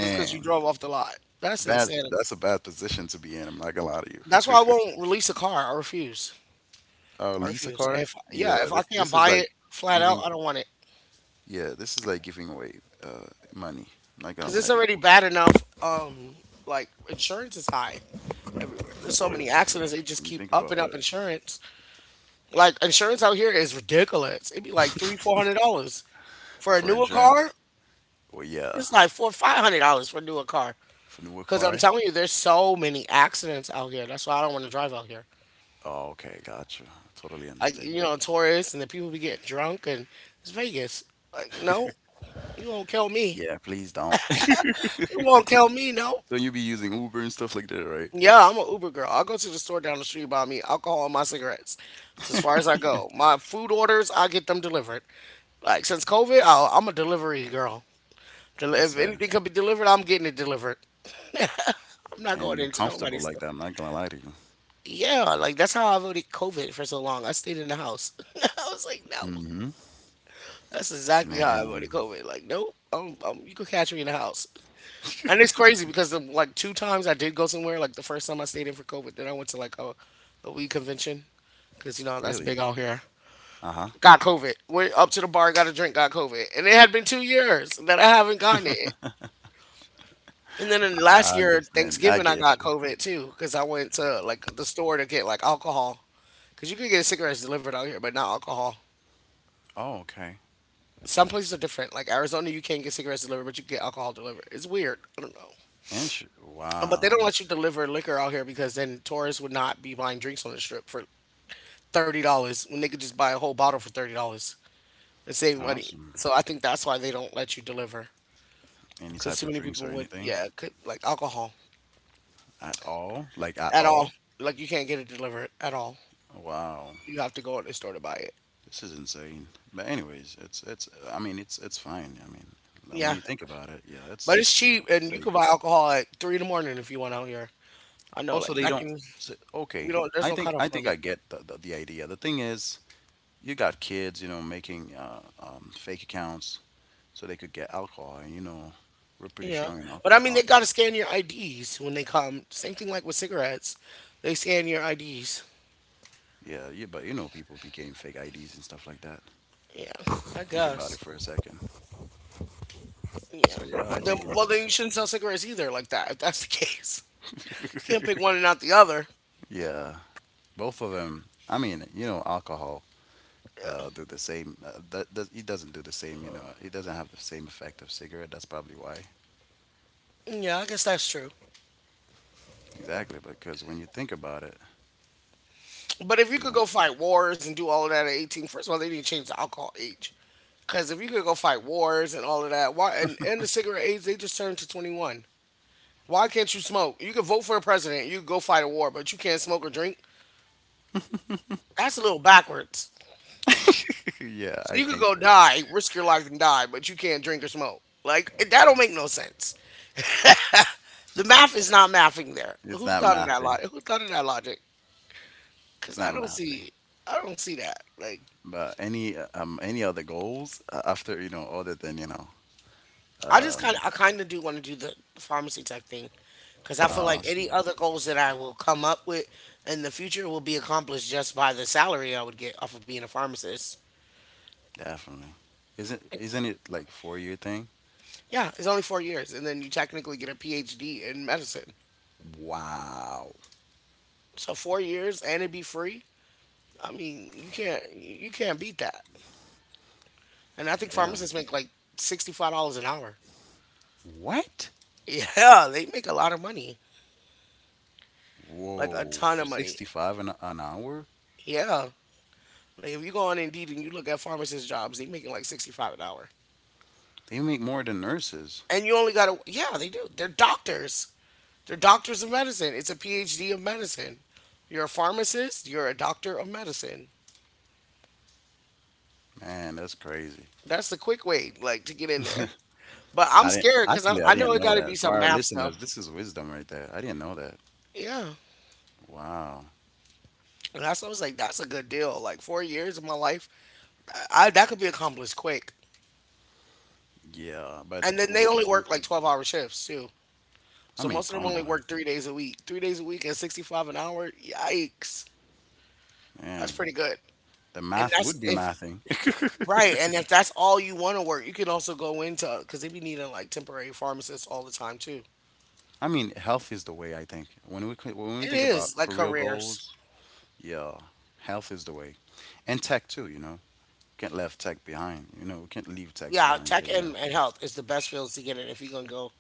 Speaker 1: just because you drove off the lot. That's
Speaker 2: Bad.
Speaker 1: insanity.
Speaker 2: That's a bad position to be in. I'm not gonna lie to
Speaker 1: That's
Speaker 2: you.
Speaker 1: why I
Speaker 2: <laughs>
Speaker 1: won't release a car. I refuse.
Speaker 2: Uh,
Speaker 1: I
Speaker 2: lease a
Speaker 1: refuse.
Speaker 2: car?
Speaker 1: If yeah,
Speaker 2: Yeah,
Speaker 1: if I
Speaker 2: this
Speaker 1: can't
Speaker 2: this is
Speaker 1: buy
Speaker 2: like
Speaker 1: it flat out,
Speaker 2: giving.
Speaker 1: I don't want it
Speaker 2: Yeah, this is like giving away uh money. I'm not gonna
Speaker 1: because
Speaker 2: lie
Speaker 1: it's
Speaker 2: to you.
Speaker 1: already bad enough. Um, like insurance is high.
Speaker 2: Of
Speaker 1: There's so many
Speaker 2: course, like
Speaker 1: accidents. They just
Speaker 2: when you
Speaker 1: keep
Speaker 2: think about
Speaker 1: upping
Speaker 2: it,
Speaker 1: up insurance. Like insurance out here is ridiculous. It'd be like three, four hundred dollars for a
Speaker 2: for
Speaker 1: newer
Speaker 2: insurance.
Speaker 1: car.
Speaker 2: Well, yeah,
Speaker 1: It's like four, five hundred dollars for a newer car.
Speaker 2: for newer
Speaker 1: Because I'm
Speaker 2: car.
Speaker 1: telling you, there's so many accidents out here. That's why I don't want to drive out here.
Speaker 2: Oh, okay, gotcha. Totally
Speaker 1: Like you
Speaker 2: understand.
Speaker 1: know, tourists and the people be getting drunk and it's Vegas. Like no, you won't kill me.
Speaker 2: Yeah, please don't. <laughs>
Speaker 1: You won't kill me. No.
Speaker 2: So you be using Uber and stuff like that, right?
Speaker 1: Yeah, I'm an Uber girl. I'll go to the store down the street buy me alcohol and my cigarettes. It's as far as I go. My food orders, I get them delivered. Like since COVID, oh, I'm a delivery girl. Del-
Speaker 2: That's
Speaker 1: If
Speaker 2: it.
Speaker 1: anything can be delivered, I'm getting it delivered. <laughs> I'm not
Speaker 2: And
Speaker 1: going
Speaker 2: you're
Speaker 1: into
Speaker 2: comfortable
Speaker 1: nobody's
Speaker 2: like
Speaker 1: store.
Speaker 2: that. I'm not gonna lie to you.
Speaker 1: Yeah, like that's how I avoided COVID for so long. I stayed in the house. <laughs> I was like, no,
Speaker 2: Mm-hmm.
Speaker 1: that's exactly how I
Speaker 2: Man,
Speaker 1: avoided COVID. Like, nope, um, um, you could catch me in the house. And it's crazy because the, like two times I did go somewhere. Like the first time I stayed in for COVID, then I went to like a, a weed convention because you know that's big
Speaker 2: really?
Speaker 1: out here.
Speaker 2: Uh-huh.
Speaker 1: Got COVID. Went up to the bar, got a drink, got COVID, and it had been two years that I haven't gotten it. And then in last
Speaker 2: I
Speaker 1: year
Speaker 2: understand. I
Speaker 1: Thanksgiving, I
Speaker 2: get
Speaker 1: got
Speaker 2: you.
Speaker 1: COVID too because I went to like the store to get like alcohol because you can get cigarettes delivered out here, but not alcohol.
Speaker 2: Oh, okay.
Speaker 1: Some places are different. Like Arizona, you can't get cigarettes delivered, but you can get alcohol delivered. It's weird. I don't know.
Speaker 2: Insurance.
Speaker 1: Uh, But they
Speaker 2: Wow.
Speaker 1: don't let you deliver liquor out here because then tourists would not be buying drinks on the strip for thirty dollars when they could just buy a whole bottle for thirty dollars and save money.
Speaker 2: Awesome.
Speaker 1: So I think that's why they don't let you deliver
Speaker 2: Any
Speaker 1: because
Speaker 2: type
Speaker 1: too
Speaker 2: of
Speaker 1: many
Speaker 2: drinks or
Speaker 1: people would,
Speaker 2: anything
Speaker 1: yeah, could like alcohol
Speaker 2: at all? Like at
Speaker 1: at all.
Speaker 2: all?
Speaker 1: Like you can't get it delivered at all.
Speaker 2: Wow,
Speaker 1: You have to go to the store to buy it.
Speaker 2: this is insane. But anyways, it's it's. I mean, it's it's fine. I mean, like, when
Speaker 1: Yeah,
Speaker 2: you think about it, yeah, it's
Speaker 1: but it's
Speaker 2: it's, it's,
Speaker 1: cheap,
Speaker 2: it's
Speaker 1: and you can
Speaker 2: safe.
Speaker 1: buy alcohol at three in the morning if you want out here. I know,
Speaker 2: Also,
Speaker 1: like
Speaker 2: they
Speaker 1: back
Speaker 2: don't.
Speaker 1: in,
Speaker 2: so-
Speaker 1: we
Speaker 2: Okay,
Speaker 1: don't. There's
Speaker 2: I
Speaker 1: no
Speaker 2: think
Speaker 1: cutoff
Speaker 2: I think I
Speaker 1: limit.
Speaker 2: get the, the the idea. The thing is, you got kids, you know, making uh, um, fake accounts so they could get alcohol, and, you know, we're pretty
Speaker 1: Yeah,
Speaker 2: strong in
Speaker 1: but I mean,
Speaker 2: alcohol.
Speaker 1: they
Speaker 2: Uh,
Speaker 1: gotta scan your I Ds when they come. Same thing like with cigarettes, they scan your I Ds.
Speaker 2: yeah, yeah, but you know, people became fake I Ds and stuff like that.
Speaker 1: Yeah, I
Speaker 2: Think about it
Speaker 1: guess.
Speaker 2: for a second. So
Speaker 1: Yeah.
Speaker 2: yeah, I
Speaker 1: Then,
Speaker 2: think it's
Speaker 1: well, then
Speaker 2: it's
Speaker 1: you shouldn't sell cigarettes either, like that. If that's the <laughs> case, can't pick one
Speaker 2: <laughs>
Speaker 1: and not the other.
Speaker 2: yeah, both of them. I mean, you know, alcohol uh, do the same. Uh, that, that it doesn't do the same. You know, it doesn't have the same effect of cigarette. That's probably why.
Speaker 1: Yeah, I guess that's true.
Speaker 2: Exactly, because when you think about it,
Speaker 1: But if you could
Speaker 2: yeah.
Speaker 1: go fight wars and do all of that at eighteen, first of all, they need to change the alcohol age. Because if you could go fight wars and all of that, why and, and the cigarette age, they just turned to twenty-one. Why can't you smoke? You could vote for a president, you could go fight a war, but you can't smoke or drink. That's a little backwards.
Speaker 2: <laughs> Yeah,
Speaker 1: So
Speaker 2: I
Speaker 1: you could
Speaker 2: think
Speaker 1: go
Speaker 2: that
Speaker 1: die, risk your life and die, but you can't drink or smoke. Like it- that don't make no sense. <laughs> The math is not mathing there.
Speaker 2: it's
Speaker 1: Who
Speaker 2: not
Speaker 1: thought of that
Speaker 2: mathing.
Speaker 1: logic? Who thought of that logic?
Speaker 2: It's
Speaker 1: Because I
Speaker 2: not
Speaker 1: don't
Speaker 2: mathing.
Speaker 1: see, I don't see that. Like
Speaker 2: But any uh, um any other goals, uh, after, you know other than, you know
Speaker 1: I just kind
Speaker 2: um
Speaker 1: of, I kind of do want to do the the pharmacy tech thing because I feel like any
Speaker 2: awesome.
Speaker 1: other goals that I will come up with in the future will be accomplished just by the salary I would get off of being a pharmacist.
Speaker 2: Definitely, isn't isn't it like four year thing?
Speaker 1: Yeah, it's only four years, and then you technically get a PhD in medicine.
Speaker 2: Wow.
Speaker 1: So four years and it be free. I mean, you can't you can't beat that. And I think
Speaker 2: Yeah.
Speaker 1: pharmacists make like sixty five dollars an hour. <laughs>
Speaker 2: What?
Speaker 1: Yeah, they make a lot of money, like a
Speaker 2: Whoa,
Speaker 1: ton of money.
Speaker 2: sixty-five an, an hour?
Speaker 1: Yeah, like if you go on Indeed and you look at pharmacist jobs, they making like sixty five an hour.
Speaker 2: They make more than nurses.
Speaker 1: And you only got to, yeah, they do, they're doctors, they're doctors of medicine. It's a PhD of medicine. You're a pharmacist, you're a doctor of medicine.
Speaker 2: Man, that's crazy.
Speaker 1: That's the quick way like to get in
Speaker 2: <laughs>
Speaker 1: there, but I'm
Speaker 2: I didn't
Speaker 1: scared because I,
Speaker 2: actually I
Speaker 1: I know
Speaker 2: didn't
Speaker 1: it
Speaker 2: know
Speaker 1: got to be
Speaker 2: that. For
Speaker 1: some
Speaker 2: our
Speaker 1: math stuff.
Speaker 2: listeners, this is wisdom right there. I didn't know that.
Speaker 1: Yeah,
Speaker 2: Wow.
Speaker 1: and that's what I was like, that's a good deal. Like four years of my life, I, I- that could be accomplished quick,
Speaker 2: Yeah, but
Speaker 1: and then they
Speaker 2: w-
Speaker 1: only
Speaker 2: w-
Speaker 1: work like twelve hour shifts too,
Speaker 2: I
Speaker 1: so
Speaker 2: mean,
Speaker 1: most of them
Speaker 2: come
Speaker 1: only
Speaker 2: on,
Speaker 1: work three days a week, three days a week at sixty-five an hour. Yikes, that's
Speaker 2: man.
Speaker 1: pretty good.
Speaker 2: The
Speaker 1: And
Speaker 2: math
Speaker 1: that's
Speaker 2: would be
Speaker 1: if,
Speaker 2: mathing. <laughs>
Speaker 1: right, and if that's all you want to work, you can also go into because they be needing like temporary pharmacists all the time too.
Speaker 2: I mean, health is the way I think. When we c- when we
Speaker 1: It
Speaker 2: think about
Speaker 1: is like
Speaker 2: career
Speaker 1: careers.
Speaker 2: goals, yeah, health is the way. And tech too, you know. Can't leave tech behind. You know, we can't leave tech
Speaker 1: Yeah,
Speaker 2: behind,
Speaker 1: tech
Speaker 2: but yeah.
Speaker 1: and, and health is the best fields to get in if you're gonna go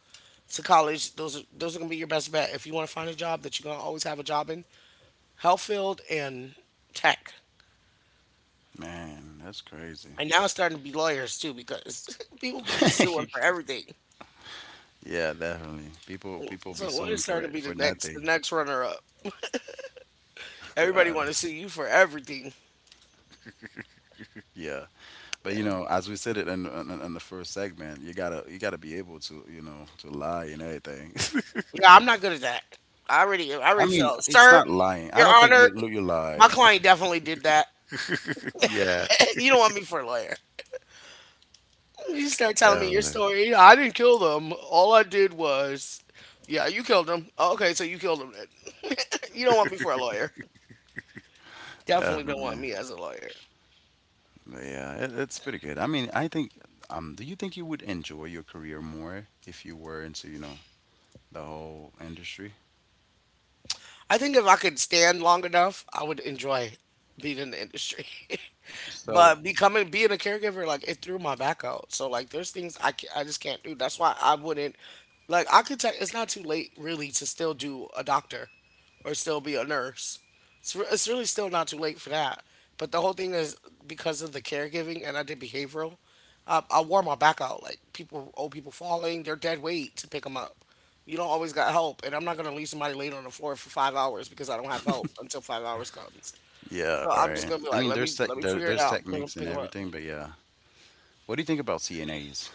Speaker 1: to college. Those are those are gonna be your best bet if you want to find a job that you're gonna always have a job in. Health field and tech,
Speaker 2: Man, that's crazy.
Speaker 1: and now it's starting to be lawyers too because <laughs> people be just suing for
Speaker 2: <laughs>
Speaker 1: everything.
Speaker 2: yeah, definitely. People people be
Speaker 1: So
Speaker 2: suing
Speaker 1: lawyers
Speaker 2: for
Speaker 1: starting to be
Speaker 2: it
Speaker 1: the
Speaker 2: for
Speaker 1: next the
Speaker 2: nothing.
Speaker 1: next
Speaker 2: <laughs>
Speaker 1: runner up. Everybody
Speaker 2: Uh,
Speaker 1: want to sue you for everything.
Speaker 2: yeah, but you
Speaker 1: Yeah.
Speaker 2: know, as we said it in, in in the first segment, you gotta you gotta be able to, you know to lie and everything.
Speaker 1: Yeah, I'm not good at that. I already, I
Speaker 2: <laughs> I
Speaker 1: already
Speaker 2: mean,
Speaker 1: felt,
Speaker 2: it's
Speaker 1: sir,
Speaker 2: not lying. I
Speaker 1: your
Speaker 2: don't think
Speaker 1: honor,
Speaker 2: you you
Speaker 1: my
Speaker 2: lie.
Speaker 1: client definitely did that.
Speaker 2: <laughs> Yeah,
Speaker 1: <laughs> You don't want me for a lawyer. You start telling me your
Speaker 2: definitely,
Speaker 1: story. I didn't kill them. All I did was, yeah, you killed them. Okay, so you killed them then. <laughs> You don't want me for a lawyer. Definitely don't want
Speaker 2: definitely.
Speaker 1: me as a lawyer.
Speaker 2: But yeah, it, it's pretty good. I mean, I think. Um, do you think you would enjoy your career more if you were into, you know the whole industry?
Speaker 1: I think if I could stand long enough, I would enjoy being in the industry. <laughs>
Speaker 2: So
Speaker 1: But becoming being a caregiver, like it threw my back out. So like, there's things I ca I just can't do. That's why I wouldn't. Like I could tell it's not too late really to still do a doctor, or still be a nurse. It's re- it's really still not too late for that. But the whole thing is because of the caregiving, and I did behavioral. I, I wore my back out. Like people, old people falling, their dead weight to pick them up. You don't always got help, and I'm not gonna leave somebody laid on the floor for five hours because I don't have help until five hours comes.
Speaker 2: yeah,
Speaker 1: So
Speaker 2: all
Speaker 1: I'm
Speaker 2: right.
Speaker 1: just gonna
Speaker 2: I
Speaker 1: be
Speaker 2: mean,
Speaker 1: like, let
Speaker 2: there's
Speaker 1: me
Speaker 2: tech,
Speaker 1: let me
Speaker 2: there,
Speaker 1: figure
Speaker 2: there's
Speaker 1: it out and put
Speaker 2: techniques
Speaker 1: 'em-
Speaker 2: and
Speaker 1: pick them up.
Speaker 2: everything, but yeah. What do you think about C N As?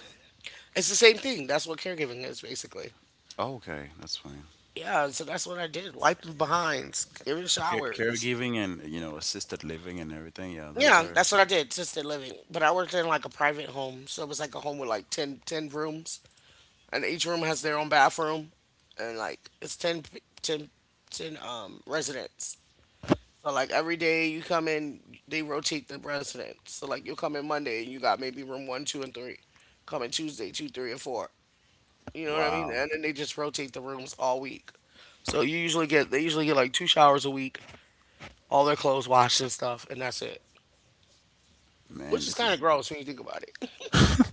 Speaker 1: It's the same thing. That's what caregiving is basically.
Speaker 2: Oh, okay, that's fine.
Speaker 1: Yeah, so that's what I did. Wiping behinds, giving
Speaker 2: Care
Speaker 1: showers.
Speaker 2: caregiving and, you know assisted living and everything. Yeah, those
Speaker 1: Yeah,
Speaker 2: are
Speaker 1: that's what I did, assisted living. But I worked in like a private home, so it was like a home with like ten ten rooms, and each room has their own bathroom, and like it's ten, p- ten, ten um residents. So like every day you come in, they rotate the residents. So like you'll come in Monday and you got maybe room one, two, and three. Coming Tuesday, two, three, and four. You know what I mean?
Speaker 2: wow,
Speaker 1: And then they just rotate the rooms all week. So you usually get, they usually get like two showers a week, all their clothes washed and stuff, and that's it.
Speaker 2: man.
Speaker 1: Which is
Speaker 2: This
Speaker 1: kind
Speaker 2: is
Speaker 1: of gross when you think about it.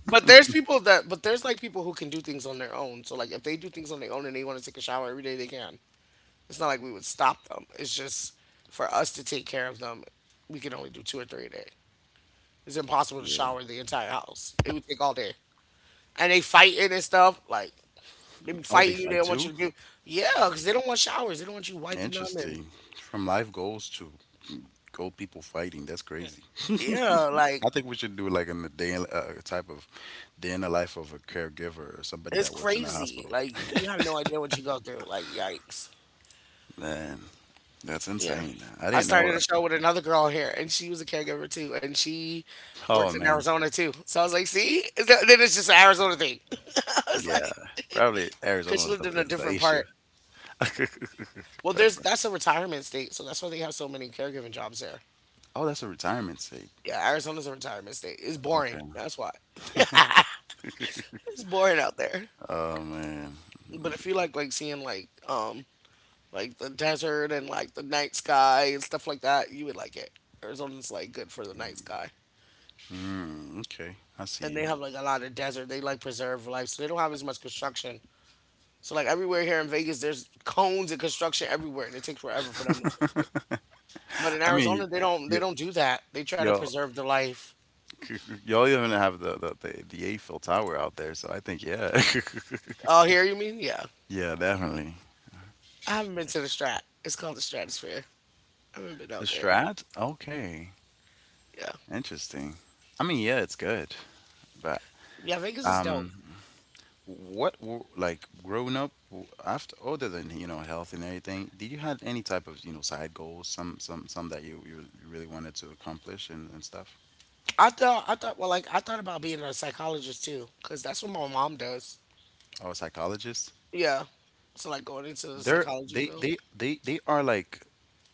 Speaker 1: But there's people that, but there's like people who can do things on their own. So like if they do things on their own and they want to take a shower every day, they can. It's not like we would stop them. It's just for us to take care of them, we can only do two or three a day. It's impossible to
Speaker 2: yeah.
Speaker 1: shower the entire house. It would take all day. And they fighting and stuff. Like they be
Speaker 2: Oh, they
Speaker 1: fighting you. They
Speaker 2: fight
Speaker 1: don't want
Speaker 2: too.
Speaker 1: you to give. Yeah, because they don't want showers. They don't want you wiping them. And
Speaker 2: Interesting. From life goals to gold people fighting. That's crazy. <laughs>
Speaker 1: yeah, like
Speaker 2: I think we should do like in the day in- uh, type of day in the life of a caregiver or somebody
Speaker 1: it's
Speaker 2: that works in a
Speaker 1: crazy.
Speaker 2: hospital.
Speaker 1: Like you have no idea what you go through. Like yikes.
Speaker 2: Man, that's
Speaker 1: Yeah.
Speaker 2: insane. I
Speaker 1: I
Speaker 2: didn't know
Speaker 1: started a
Speaker 2: that.
Speaker 1: show with another girl here, and she was a caregiver too, and she worked
Speaker 2: Oh
Speaker 1: in
Speaker 2: man,
Speaker 1: Arizona too. So I was like, see, Is that- then it's just an Arizona thing. <laughs> I was
Speaker 2: yeah,
Speaker 1: like,
Speaker 2: probably
Speaker 1: because
Speaker 2: Arizona
Speaker 1: she
Speaker 2: is the,
Speaker 1: lived in a
Speaker 2: is the
Speaker 1: different
Speaker 2: issue.
Speaker 1: part. Well, there's
Speaker 2: <laughs>
Speaker 1: That's a retirement state, so that's why they have so many caregiving jobs there.
Speaker 2: Oh, that's a retirement state.
Speaker 1: Yeah, Arizona's a retirement state. It's boring.
Speaker 2: Okay.
Speaker 1: That's why. <laughs> It's boring out there.
Speaker 2: Oh man.
Speaker 1: But if you like like seeing like um like the desert and like the night sky and stuff like that, you would like it. Arizona's like good for the night sky.
Speaker 2: Mm, okay, I see
Speaker 1: And
Speaker 2: you.
Speaker 1: they have like a lot of desert. They like preserve life, so they don't have as much construction. So like everywhere here in Vegas, there's cones and construction everywhere, and it takes forever for them to fix it.
Speaker 2: <laughs>
Speaker 1: But in
Speaker 2: I mean,
Speaker 1: Arizona, they don't they
Speaker 2: you
Speaker 1: don't do that. They try to
Speaker 2: y'all.
Speaker 1: preserve the life.
Speaker 2: <laughs> Y'all even have the the the, the Eiffel Tower out there, so I think yeah. <laughs>
Speaker 1: Oh, here you mean? Yeah,
Speaker 2: Yeah, definitely.
Speaker 1: I haven't been to the Strat. It's called the Stratosphere. I haven't been
Speaker 2: The
Speaker 1: out there.
Speaker 2: Strat. Okay,
Speaker 1: Yeah,
Speaker 2: interesting. I mean, yeah, it's good, but
Speaker 1: yeah, Vegas is dope.
Speaker 2: um, what w- like growing up w- after, other than, you know health and everything, did you had any type of, you know side goals, some some some that you you really wanted to accomplish and, and stuff?
Speaker 1: I thought, I thought, well, like I thought about being a psychologist too, cause that's what my mom does.
Speaker 2: Oh, psychologists.
Speaker 1: Yeah, so like going into the
Speaker 2: They're
Speaker 1: psychology
Speaker 2: they
Speaker 1: field,
Speaker 2: they they they are like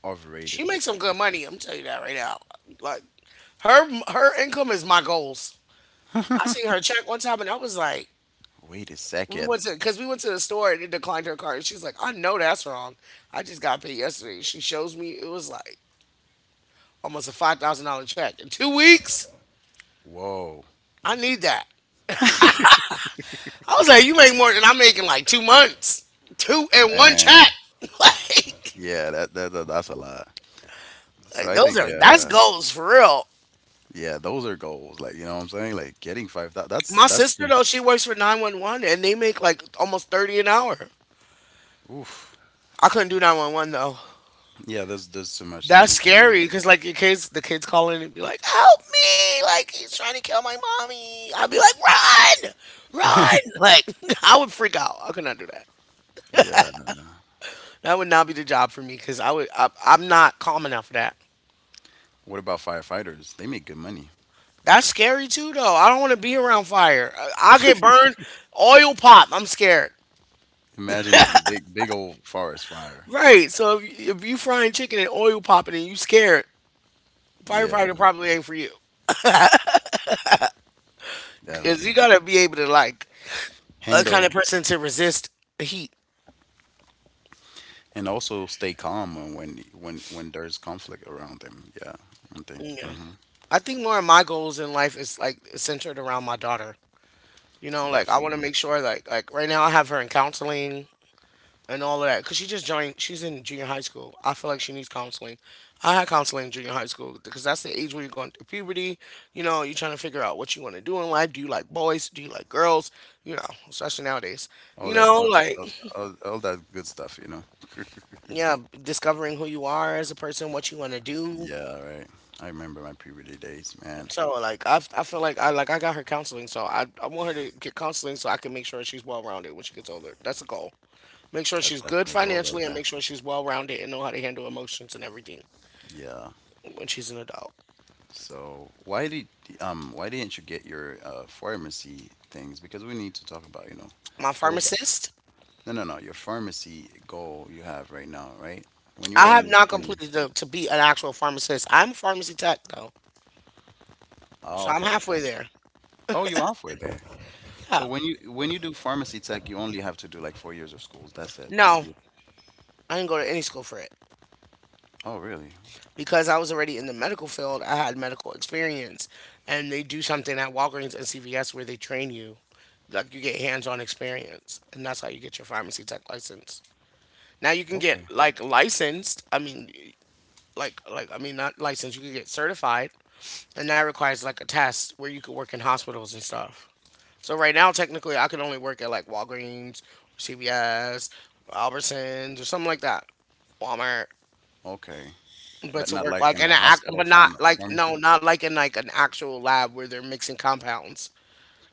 Speaker 2: overrated.
Speaker 1: she makes some good money. I'm telling you that right now. Like her her income is my goals. I seen her check one time and I was like,
Speaker 2: Wait a
Speaker 1: we
Speaker 2: second.
Speaker 1: went to because we went to the store and it declined her card. She's like, I know that's wrong. I just got paid yesterday. She shows me it was like almost a five thousand dollar check in two weeks.
Speaker 2: Whoa,
Speaker 1: I need that. I was like, you make more than I am making like two months, two in one check.
Speaker 2: man.
Speaker 1: <laughs> like,
Speaker 2: Yeah, that, that, that that's a lot. So
Speaker 1: like
Speaker 2: I
Speaker 1: those
Speaker 2: think
Speaker 1: are that's
Speaker 2: yeah,
Speaker 1: goals for real.
Speaker 2: yeah, those are goals. Like, you know what I'm saying? Like getting five thousand. That's
Speaker 1: My
Speaker 2: that's
Speaker 1: sister
Speaker 2: the
Speaker 1: though, she works for nine one one, and they make like almost thirty an hour.
Speaker 2: oof.
Speaker 1: I couldn't do nine one one though.
Speaker 2: Yeah, there's there's so much
Speaker 1: That's
Speaker 2: things going on.
Speaker 1: scary because like your kids, the kids call in and be like, "Help me! Like he's trying to kill my mommy." I'd be like, "Run, run!" Like <laughs> I would freak out. I could not do that.
Speaker 2: Yeah. No, no.
Speaker 1: That would not be the job for me because I would. I, I'm not calm enough for that.
Speaker 2: What about firefighters? They make good money.
Speaker 1: That's scary too, though. I don't want to be around fire. I- I'll get burned. Oil pop. I'm scared.
Speaker 2: Imagine big big old forest fire.
Speaker 1: Right. So if, if you frying chicken and oil popping and you scared, firefighter
Speaker 2: Yeah,
Speaker 1: probably ain't for you. Because you
Speaker 2: definitely.
Speaker 1: got to be able to, like, a kind
Speaker 2: Handle.
Speaker 1: of person to resist the heat.
Speaker 2: And also stay calm when when when, when there's conflict around them. Yeah, I think
Speaker 1: You know?
Speaker 2: hmm
Speaker 1: I think more of my goals in life is, like, centered around my daughter. You know, like, I want to
Speaker 2: definitely
Speaker 1: make sure, like, like right now I have her in counseling. And all of that because she just joined, she's in junior high school. I feel like she needs counseling. I had counseling in junior high school because that's the age where you're going through puberty. You know, you're trying to figure out what you want to do in life. Do you like boys, do you like girls? You know, especially nowadays,
Speaker 2: all
Speaker 1: you
Speaker 2: that
Speaker 1: know,
Speaker 2: all,
Speaker 1: like,
Speaker 2: all, all, all that good stuff. You know. <laughs>
Speaker 1: yeah, discovering who you are as a person, what you want to do.
Speaker 2: Yeah, right. I remember my puberty days, man.
Speaker 1: So like I, I feel like i like i got her counseling, so I, I want her to get counseling so I can make sure she's well rounded when she gets older. That's the goal. Make sure
Speaker 2: That's
Speaker 1: she's good
Speaker 2: definitely a goal right
Speaker 1: financially and
Speaker 2: there.
Speaker 1: make sure she's well rounded and know how to handle emotions and everything
Speaker 2: Yeah.
Speaker 1: when she's an adult.
Speaker 2: So why did um why didn't you get your uh, pharmacy things? Because we need to talk about, you know
Speaker 1: My
Speaker 2: goals.
Speaker 1: pharmacist,
Speaker 2: No, no, no. Your pharmacy goal you have right now, right? When you
Speaker 1: I
Speaker 2: were
Speaker 1: have
Speaker 2: in your
Speaker 1: not
Speaker 2: twenty.
Speaker 1: completed the, to be an actual pharmacist. I'm a pharmacy tech though,
Speaker 2: Oh,
Speaker 1: so I'm
Speaker 2: okay,
Speaker 1: halfway
Speaker 2: gotcha.
Speaker 1: there.
Speaker 2: Oh, you off with there.
Speaker 1: Yeah.
Speaker 2: So when you when you do pharmacy tech, you only have to do like four years of schools. That's it to
Speaker 1: No,
Speaker 2: be.
Speaker 1: I didn't go to any school for it
Speaker 2: Oh, really?
Speaker 1: because I was already in the medical field. I had medical experience, and they do something at Walgreens and C V S where they train you, like you get hands-on experience, and that's how you get your pharmacy tech license. Now you can get
Speaker 2: Okay.
Speaker 1: like licensed. I mean, like like I mean not licensed. You can get certified, and that requires like a test where you could work in hospitals and stuff. So right now, technically, I could only work at like Walgreens, C V S, Albertsons, or something like that, Walmart.
Speaker 2: Okay.
Speaker 1: But
Speaker 2: But
Speaker 1: to
Speaker 2: not
Speaker 1: work
Speaker 2: like
Speaker 1: like
Speaker 2: in
Speaker 1: in
Speaker 2: a
Speaker 1: an act,
Speaker 2: hospital
Speaker 1: but not
Speaker 2: fam
Speaker 1: like no,
Speaker 2: pharmacy.
Speaker 1: not like in like an actual lab where they're mixing compounds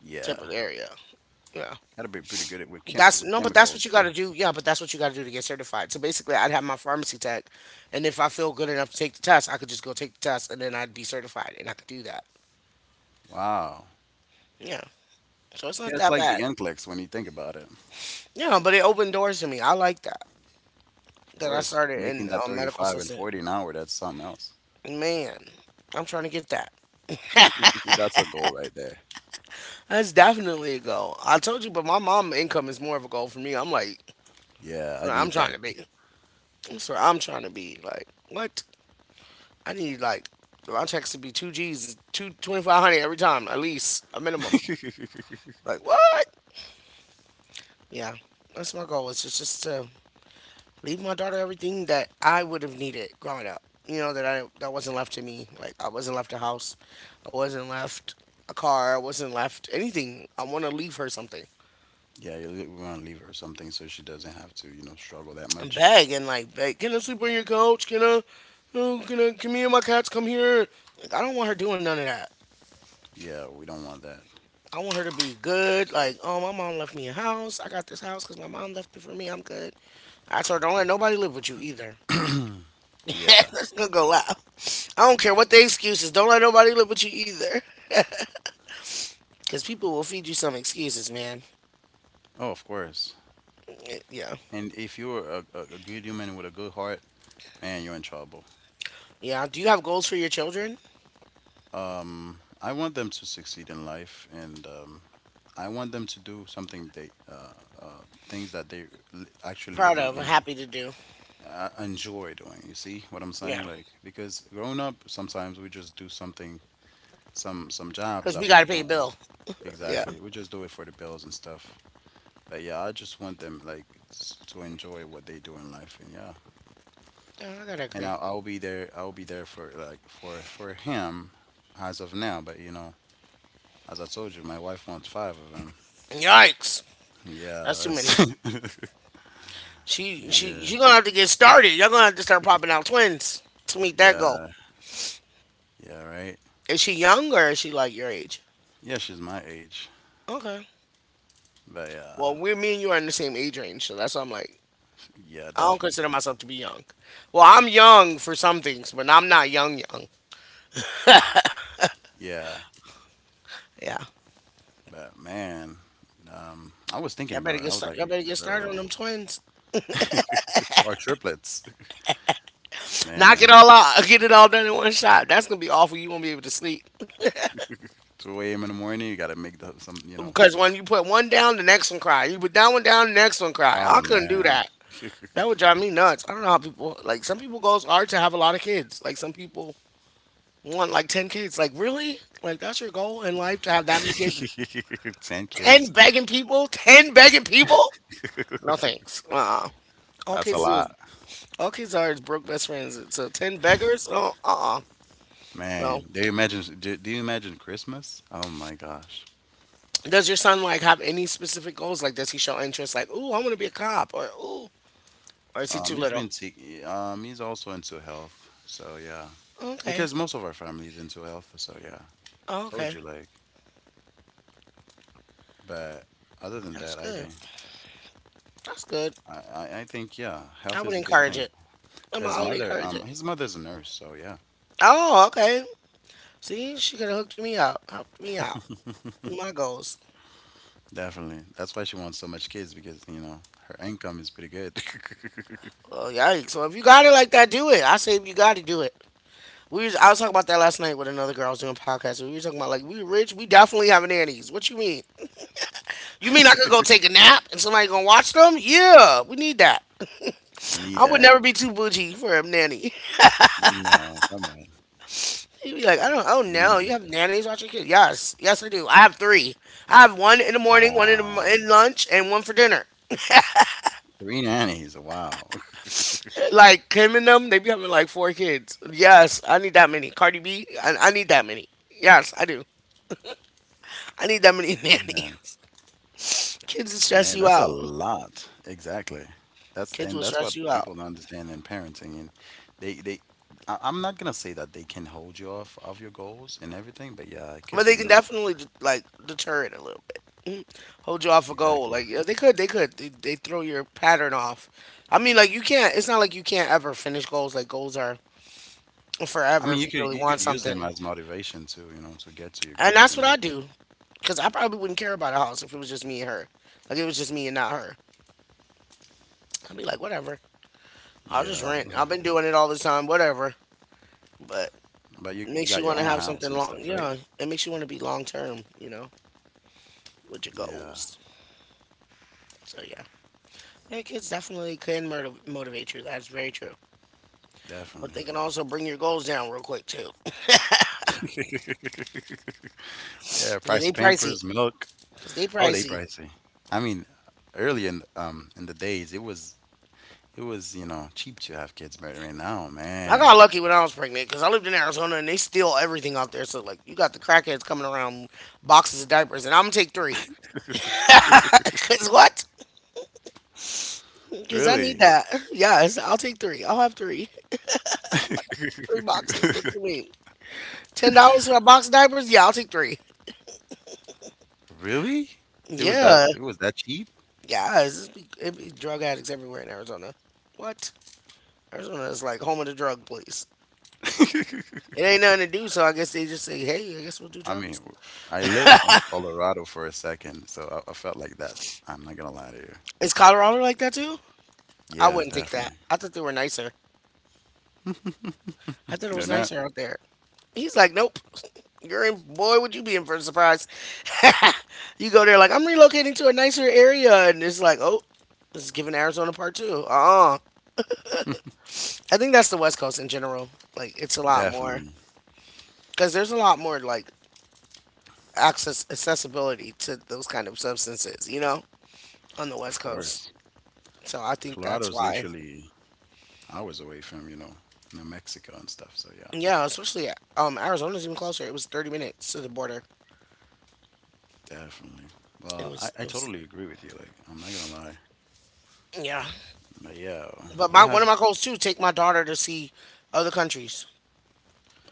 Speaker 2: Yeah,
Speaker 1: type of area. Yeah.
Speaker 2: gotta be pretty good at with chem
Speaker 1: That's
Speaker 2: with
Speaker 1: no, but that's
Speaker 2: chemicals
Speaker 1: what you got
Speaker 2: too.
Speaker 1: to do. Yeah, but that's what you got to do to get certified. So basically, I'd have my pharmacy tech, and if I feel good enough to take the test, I could just go take the test, and then I'd be certified, and I could do that.
Speaker 2: Wow.
Speaker 1: Yeah. So it's
Speaker 2: Yeah,
Speaker 1: not
Speaker 2: it's
Speaker 1: that
Speaker 2: like
Speaker 1: bad.
Speaker 2: the N CLEX when you think about it.
Speaker 1: Yeah, no, but it opened doors to me. I like that.
Speaker 2: Of
Speaker 1: That I
Speaker 2: course,
Speaker 1: started
Speaker 2: making
Speaker 1: in
Speaker 2: that
Speaker 1: um, medical
Speaker 2: 35 and
Speaker 1: assistant.
Speaker 2: 40 an hour, that's something else.
Speaker 1: Man, I'm trying to get that.
Speaker 2: <laughs> That's a goal right there.
Speaker 1: That's definitely a goal. I told you, but my mom income is more of a goal for me. I'm like,
Speaker 2: Yeah, I
Speaker 1: so I'm
Speaker 2: need
Speaker 1: trying
Speaker 2: that.
Speaker 1: to be. So I'm trying to be like, what? I need like my checks to be two G's, two, twenty-five hundred every time at least a minimum.
Speaker 2: <laughs>
Speaker 1: Like what? Yeah, that's my goal. It's just just to leave my daughter everything that I would have needed growing up. You know, that I that wasn't left to me. Like I wasn't left a house, I wasn't left a car, I wasn't left anything. I want to leave her something
Speaker 2: Yeah, you li- we want to leave her something so she doesn't have to, you know, struggle that
Speaker 1: and
Speaker 2: much.
Speaker 1: beg and like beg. Can I sleep on your couch? Can I? Oh, can I? Can me and my cats come here? Like I don't want her doing none of that.
Speaker 2: Yeah, we don't want that.
Speaker 1: I want her to be good. Like oh, my mom left me a house. I got this house because my mom left it for me. I'm good. I told her don't let nobody live with you either. <laughs>
Speaker 2: Yeah.
Speaker 1: That's gonna go loud. I don't care what the excuse is. Don't let nobody live with you either. <laughs> Because people will feed you some excuses, man.
Speaker 2: Oh, of course.
Speaker 1: Eh, yeah.
Speaker 2: And if you're a, a, a good human with a good heart, man, you're in trouble.
Speaker 1: Yeah. Do you have goals for your children?
Speaker 2: Um, I want them to succeed in life, and um, I want them to do something they, uh, uh, things that they li- actually, you
Speaker 1: Proud
Speaker 2: know,
Speaker 1: of.
Speaker 2: en-
Speaker 1: Happy to do.
Speaker 2: uh, enjoy doing. You see what I'm saying?
Speaker 1: Yeah.
Speaker 2: Like because growing up, sometimes we just do something, some some jobs
Speaker 1: Because
Speaker 2: that
Speaker 1: we got
Speaker 2: we
Speaker 1: to pay a
Speaker 2: don't
Speaker 1: bill. Yeah.
Speaker 2: exactly. We just do it for the bills and stuff. But yeah, I just want them like s- to enjoy what they do in life, and yeah,
Speaker 1: Yeah, I got to
Speaker 2: and
Speaker 1: agree.
Speaker 2: I'll, I'll be there. I'll be there for like for for him as of now. But you know, as I told you, my wife wants five of them.
Speaker 1: Yikes.
Speaker 2: Yeah,
Speaker 1: That's too many.
Speaker 2: that's <laughs>
Speaker 1: She, she,
Speaker 2: yeah,
Speaker 1: she gonna have to get started. Y'all gonna have to start popping out twins to meet that goal.
Speaker 2: yeah, yeah, right.
Speaker 1: Is she young or is she like your age?
Speaker 2: Yeah, she's my age,
Speaker 1: Okay.
Speaker 2: but yeah,
Speaker 1: Well, we're me and you are in the same age range, so that's why I'm like,
Speaker 2: yeah,
Speaker 1: I don't
Speaker 2: definitely,
Speaker 1: consider myself to be young. Well, I'm young for some things, but I'm not young young.
Speaker 2: yeah.
Speaker 1: Yeah.
Speaker 2: But man, um, I was thinking
Speaker 1: Y'all better
Speaker 2: about it.
Speaker 1: get
Speaker 2: I was
Speaker 1: start.
Speaker 2: like,
Speaker 1: Y'all
Speaker 2: yo,
Speaker 1: better get started on
Speaker 2: bro,
Speaker 1: them twins.
Speaker 2: <laughs> or triplets,
Speaker 1: Knock it
Speaker 2: man.
Speaker 1: all out. <laughs> Get it all done in one shot. That's gonna be awful. You won't be able to sleep
Speaker 2: Two a m in the morning, you gotta make the some, you
Speaker 1: <laughs>
Speaker 2: know.
Speaker 1: because when you put one down, the next one cry. You put that one down, the next one cry. I
Speaker 2: Oh
Speaker 1: couldn't do
Speaker 2: man.
Speaker 1: that.
Speaker 2: <laughs>
Speaker 1: That would drive me nuts. I don't know how people like. Some people goals are to have a lot of kids. Like some people want like ten kids. Like really? Like that's your goal in life to have that many kids?
Speaker 2: <laughs> ten
Speaker 1: Ten
Speaker 2: kids.
Speaker 1: begging people? Ten begging people? No thanks. Uh-uh. All
Speaker 2: That's a
Speaker 1: kids do is
Speaker 2: lot.
Speaker 1: all kids are is broke best friends. So ten beggars? Oh, uh, uh no.
Speaker 2: Man, do you imagine? Do, do you imagine Christmas? Oh my gosh.
Speaker 1: Does your son like have any specific goals? Like, does he show interest? Like, ooh, I want to be a cop, or ooh, or is he too
Speaker 2: Um, he's
Speaker 1: little?
Speaker 2: been seeking. Um, he's also into health. So yeah,
Speaker 1: Okay,
Speaker 2: because most of our family is into health. So yeah,
Speaker 1: okay,
Speaker 2: told you like. But other than
Speaker 1: that's
Speaker 2: that, I
Speaker 1: good.
Speaker 2: think
Speaker 1: That's good.
Speaker 2: I, I, I think yeah,
Speaker 1: I
Speaker 2: health
Speaker 1: would
Speaker 2: is a good
Speaker 1: encourage it.
Speaker 2: thing.
Speaker 1: I'm, I
Speaker 2: His
Speaker 1: would
Speaker 2: mother,
Speaker 1: encourage it.
Speaker 2: um, his mother's a nurse. So yeah,
Speaker 1: Oh, okay. See, she could have hooked me out, helped me out with my goals.
Speaker 2: definitely. That's why she wants so much kids because you know her income is pretty good. <laughs>
Speaker 1: Oh, yikes. So if you got it like that, do it. I say if you got to do it. We was, I was talking about that last night with another girl I was doing a podcast. We were talking about like we rich, we definitely have nannies. What you mean? You mean I could go take a nap and somebody gonna watch them? Yeah, we need that.
Speaker 2: we need
Speaker 1: I would
Speaker 2: that.
Speaker 1: never be too bougie for a nanny. <laughs>
Speaker 2: No, come on.
Speaker 1: You'd be like, I don't, oh
Speaker 2: We
Speaker 1: no,
Speaker 2: need.
Speaker 1: you have nannies watch your kids? Yes, yes, I do. I have three. I have one in, the, morning, one in, the, mo-
Speaker 2: Wow.
Speaker 1: in lunch, and one for dinner.
Speaker 2: Three nannies. Wow.
Speaker 1: Like Kim and them, they be having like four kids. Yes, I need that many. Cardi B, I, I need that many. Yes, I do. I need that many <laughs>
Speaker 2: <laughs> Man.
Speaker 1: nannies. Kids will
Speaker 2: Man,
Speaker 1: stress you
Speaker 2: that's a
Speaker 1: out.
Speaker 2: lot. Exactly. That's and
Speaker 1: Kids will
Speaker 2: that's what
Speaker 1: stress you
Speaker 2: people
Speaker 1: out,
Speaker 2: don't understand in parenting. And they they, I, I'm not gonna say that they can hold you off of your goals and everything, but yeah, it could be,
Speaker 1: but
Speaker 2: you
Speaker 1: they can
Speaker 2: know,
Speaker 1: definitely like deter it a little bit. Hold you off a
Speaker 2: exactly.
Speaker 1: goal. Like yeah, they could, they could, they, they throw your pattern off. I mean, like you can't. It's not like you can't ever finish goals. Like goals are
Speaker 2: I mean,
Speaker 1: forever
Speaker 2: you
Speaker 1: if you
Speaker 2: could you
Speaker 1: really
Speaker 2: could
Speaker 1: want
Speaker 2: use them
Speaker 1: something.
Speaker 2: as motivation too, you know, to get to your
Speaker 1: And
Speaker 2: goals and
Speaker 1: that's what
Speaker 2: everything.
Speaker 1: I do because I probably wouldn't care about a house if it was just me and her. Like it was just me and not her. I'd be like, whatever. I'll just
Speaker 2: Yeah,
Speaker 1: rent. I've been doing it all the time. Whatever. But
Speaker 2: but you
Speaker 1: it
Speaker 2: got your
Speaker 1: makes you
Speaker 2: own
Speaker 1: want to have
Speaker 2: house and
Speaker 1: something
Speaker 2: stuff,
Speaker 1: long.
Speaker 2: right?
Speaker 1: Yeah, it makes you want to be long term. You know, with your
Speaker 2: Yeah,
Speaker 1: goals. So yeah, yeah, kids definitely can motiv- motivate you. That's very true. But
Speaker 2: definitely.
Speaker 1: they can also bring your goals down real quick too.
Speaker 2: <laughs> Yeah, price
Speaker 1: Yeah,
Speaker 2: of
Speaker 1: they
Speaker 2: Pampers,
Speaker 1: pricey.
Speaker 2: milk.
Speaker 1: They
Speaker 2: Oh, they
Speaker 1: pricey.
Speaker 2: pricey. I mean, early in um in the days, it was. It was, you know, cheap to have kids back. Right now,
Speaker 1: I got
Speaker 2: man,
Speaker 1: lucky when I was pregnant because I lived in Arizona and they steal everything out there. So like, you got the crackheads coming around boxes of diapers, and I'm gonna take three. <laughs> Cause what? Cause I
Speaker 2: really,
Speaker 1: need that. <laughs> Yes, I'll take three. I'll have three.
Speaker 2: <laughs>
Speaker 1: <laughs> Three boxes. What you mean? Ten dollars for a box of diapers? Yeah, I'll take three.
Speaker 2: really, it was that
Speaker 1: Yeah.
Speaker 2: it was that cheap.
Speaker 1: Yeah. It's just be, it be drug addicts everywhere in Arizona. What? Arizona is like home of the drug place.
Speaker 2: <laughs>
Speaker 1: It ain't nothing to do, so I guess they just say, hey, I guess we'll do
Speaker 2: I mean,
Speaker 1: drugs.
Speaker 2: w- I live in Colorado for a second, so I, I felt like that. I'm not gonna lie to you.
Speaker 1: Is Colorado like that too? I
Speaker 2: Yeah,
Speaker 1: wouldn't think that.
Speaker 2: definitely.
Speaker 1: I thought they were nicer. I thought it
Speaker 2: They're
Speaker 1: was
Speaker 2: not
Speaker 1: nicer out there. He's like, nope. <laughs> You're in, boy, would you be in for a surprise? <laughs> You go there like, I'm relocating to a nicer area, and it's like, oh, this is giving Arizona part two. Uh-uh. I think that's the West Coast in general. Like, it's a lot more
Speaker 2: definitely,
Speaker 1: because there's a lot more like access accessibility to those kind of substances, you know, on the
Speaker 2: of
Speaker 1: West Coast.
Speaker 2: course.
Speaker 1: So I think that's
Speaker 2: Colorado's
Speaker 1: why.
Speaker 2: literally hours away from you know New Mexico and stuff. So yeah,
Speaker 1: Yeah, especially um Arizona's even closer. It was thirty minutes to the border.
Speaker 2: definitely.
Speaker 1: It
Speaker 2: Well, I,
Speaker 1: was
Speaker 2: I
Speaker 1: it was
Speaker 2: totally agree with you. Like I'm not gonna lie,
Speaker 1: yeah.
Speaker 2: but yeah,
Speaker 1: But
Speaker 2: we
Speaker 1: my one
Speaker 2: have.
Speaker 1: of my goals too, take my daughter to see other countries.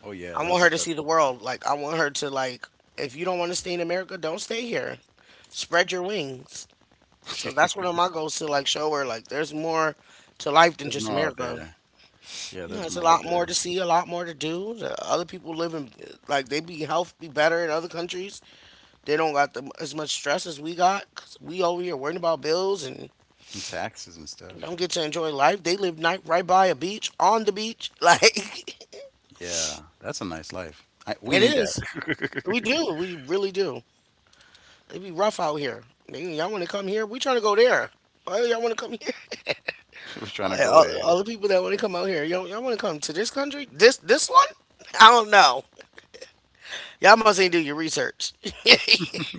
Speaker 2: Oh yeah,
Speaker 1: I want her
Speaker 2: that's
Speaker 1: to see
Speaker 2: that's.
Speaker 1: the world. Like I want her to like if you don't want to stay in America, don't stay here. Spread your wings. So that's one
Speaker 2: <laughs>
Speaker 1: of my goals, to like show her like there's more to life than
Speaker 2: There's
Speaker 1: just
Speaker 2: more out
Speaker 1: America.
Speaker 2: there. Yeah,
Speaker 1: You know,
Speaker 2: there's
Speaker 1: it's a
Speaker 2: more out
Speaker 1: lot more to
Speaker 2: there.
Speaker 1: see, a lot more to do. The other people live in like they be health be better in other countries. They don't got the, as much stress as we got, 'cause we over here worrying about bills and
Speaker 2: And taxes and
Speaker 1: don't
Speaker 2: stuff.
Speaker 1: get to enjoy life. They live night right by a beach on the beach. <laughs>
Speaker 2: Yeah, that's a nice life. I,
Speaker 1: Like
Speaker 2: we
Speaker 1: it
Speaker 2: need
Speaker 1: is.
Speaker 2: that.
Speaker 1: We
Speaker 2: <laughs>
Speaker 1: do. We really do. It be rough out here. Nigga, y'all want to come here? We trying to go there. Why y'all want to come here?
Speaker 2: We're
Speaker 1: <laughs>
Speaker 2: trying
Speaker 1: All,
Speaker 2: to go
Speaker 1: all-
Speaker 2: there.
Speaker 1: all the people that want to come out here, y'all, y'all want to come to this country? This this one? I don't know. Y'all must ain't do your research, <laughs>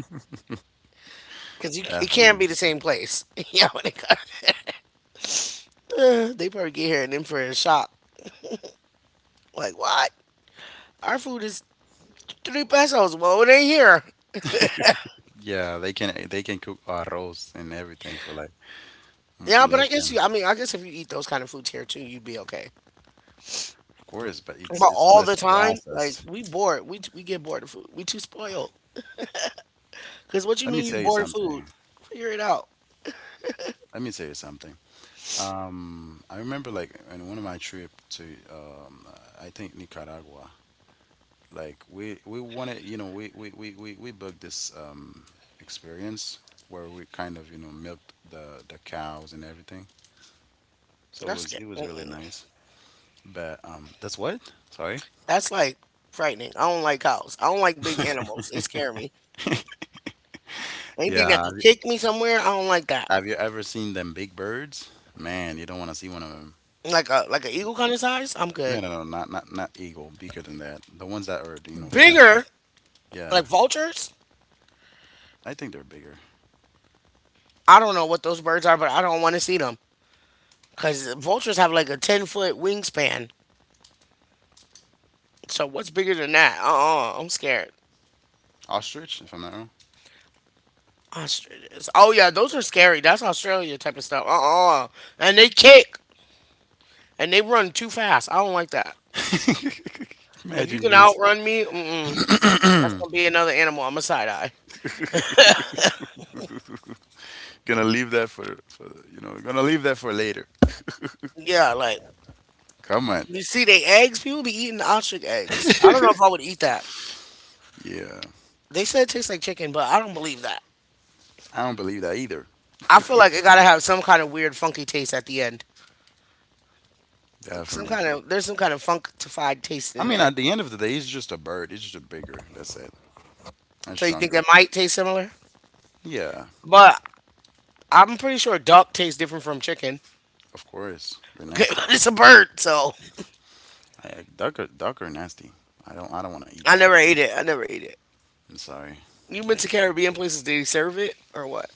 Speaker 1: cause you, it can't
Speaker 2: Definitely.
Speaker 1: be
Speaker 2: <laughs>
Speaker 1: the same place. <laughs> Y'all want to come? <laughs> Uh, they probably get here and then for a shock. Like what? Our food is three pesos. Well, it ain't here.
Speaker 2: Yeah, they can they can cook arroz and everything for like m-
Speaker 1: Yeah, but
Speaker 2: less
Speaker 1: I guess you.
Speaker 2: than,
Speaker 1: I mean, I guess if you eat those kind of foods here too, you'd be okay.
Speaker 2: of course, but it's
Speaker 1: About
Speaker 2: it's
Speaker 1: all the
Speaker 2: less
Speaker 1: time, like
Speaker 2: processed.
Speaker 1: we bored. We we get bored of food. We too spoiled. Cause what you
Speaker 2: Let me
Speaker 1: mean you
Speaker 2: tell you
Speaker 1: bored of food?
Speaker 2: something.
Speaker 1: Figure it out.
Speaker 2: Let me tell you something. Um, I remember like in one of my trip to um, I think Nicaragua. Like we we wanted, you know, we we we we, we booked this um experience where we kind of you know milked the the cows and everything. So it
Speaker 1: That's
Speaker 2: was
Speaker 1: sca-
Speaker 2: it was really
Speaker 1: mm-mm.
Speaker 2: nice. But um, that's what? Sorry.
Speaker 1: That's like frightening. I don't like cows. I don't like big animals. They
Speaker 2: <laughs>
Speaker 1: scare me. Anything that
Speaker 2: Yeah, have
Speaker 1: could
Speaker 2: you
Speaker 1: kick me somewhere, I don't like that.
Speaker 2: have you ever seen them big birds? Man, you don't want to see one of them.
Speaker 1: Like a like an eagle kind of size, I'm
Speaker 2: No,
Speaker 1: good.
Speaker 2: no, no, not not not eagle, bigger than that. The ones that are, you know, faster.
Speaker 1: Bigger, like
Speaker 2: Yeah,
Speaker 1: vultures.
Speaker 2: I think they're bigger.
Speaker 1: I don't know what those birds are, but I don't want to see them. Cause vultures have like a ten foot wingspan. So what's bigger than that? Uh uh-uh, uh, I am scared.
Speaker 2: Ostrich, if I'm not wrong.
Speaker 1: Australians. Oh yeah, those are scary. That's Australia type of stuff. Uh uh And they kick and they run too fast. I don't like that.
Speaker 2: <laughs>
Speaker 1: If you
Speaker 2: Imagine
Speaker 1: can
Speaker 2: being.
Speaker 1: outrun me, mm-mm, that's gonna be another animal. I'm a side eye.
Speaker 2: Gonna leave that for, for you know, gonna leave that for later.
Speaker 1: Yeah, like
Speaker 2: Come on.
Speaker 1: you see, they eggs. People be eating ostrich eggs. I don't know if I would eat that.
Speaker 2: Yeah.
Speaker 1: They said it tastes like chicken, but I don't believe that.
Speaker 2: I don't believe that either.
Speaker 1: I feel like it gotta have some kind of weird, funky taste at the end.
Speaker 2: <laughs>
Speaker 1: Some
Speaker 2: Definitely.
Speaker 1: kind of there's some kind of funkified taste
Speaker 2: I
Speaker 1: in
Speaker 2: mean,
Speaker 1: there.
Speaker 2: at the end of the day, it's just a bird. It's just bigger. That's it. And
Speaker 1: So you think it
Speaker 2: stronger.
Speaker 1: might taste similar?
Speaker 2: Yeah,
Speaker 1: But I'm pretty sure duck tastes different from chicken.
Speaker 2: of course. They're
Speaker 1: Okay, <laughs> but
Speaker 2: nasty.
Speaker 1: it's a bird, so
Speaker 2: I, duck are duck are nasty. I don't I don't want to eat
Speaker 1: I
Speaker 2: that.
Speaker 1: never ate it. I never ate it.
Speaker 2: I'm sorry.
Speaker 1: You went
Speaker 2: Like,
Speaker 1: to Caribbean places, did he serve it or what?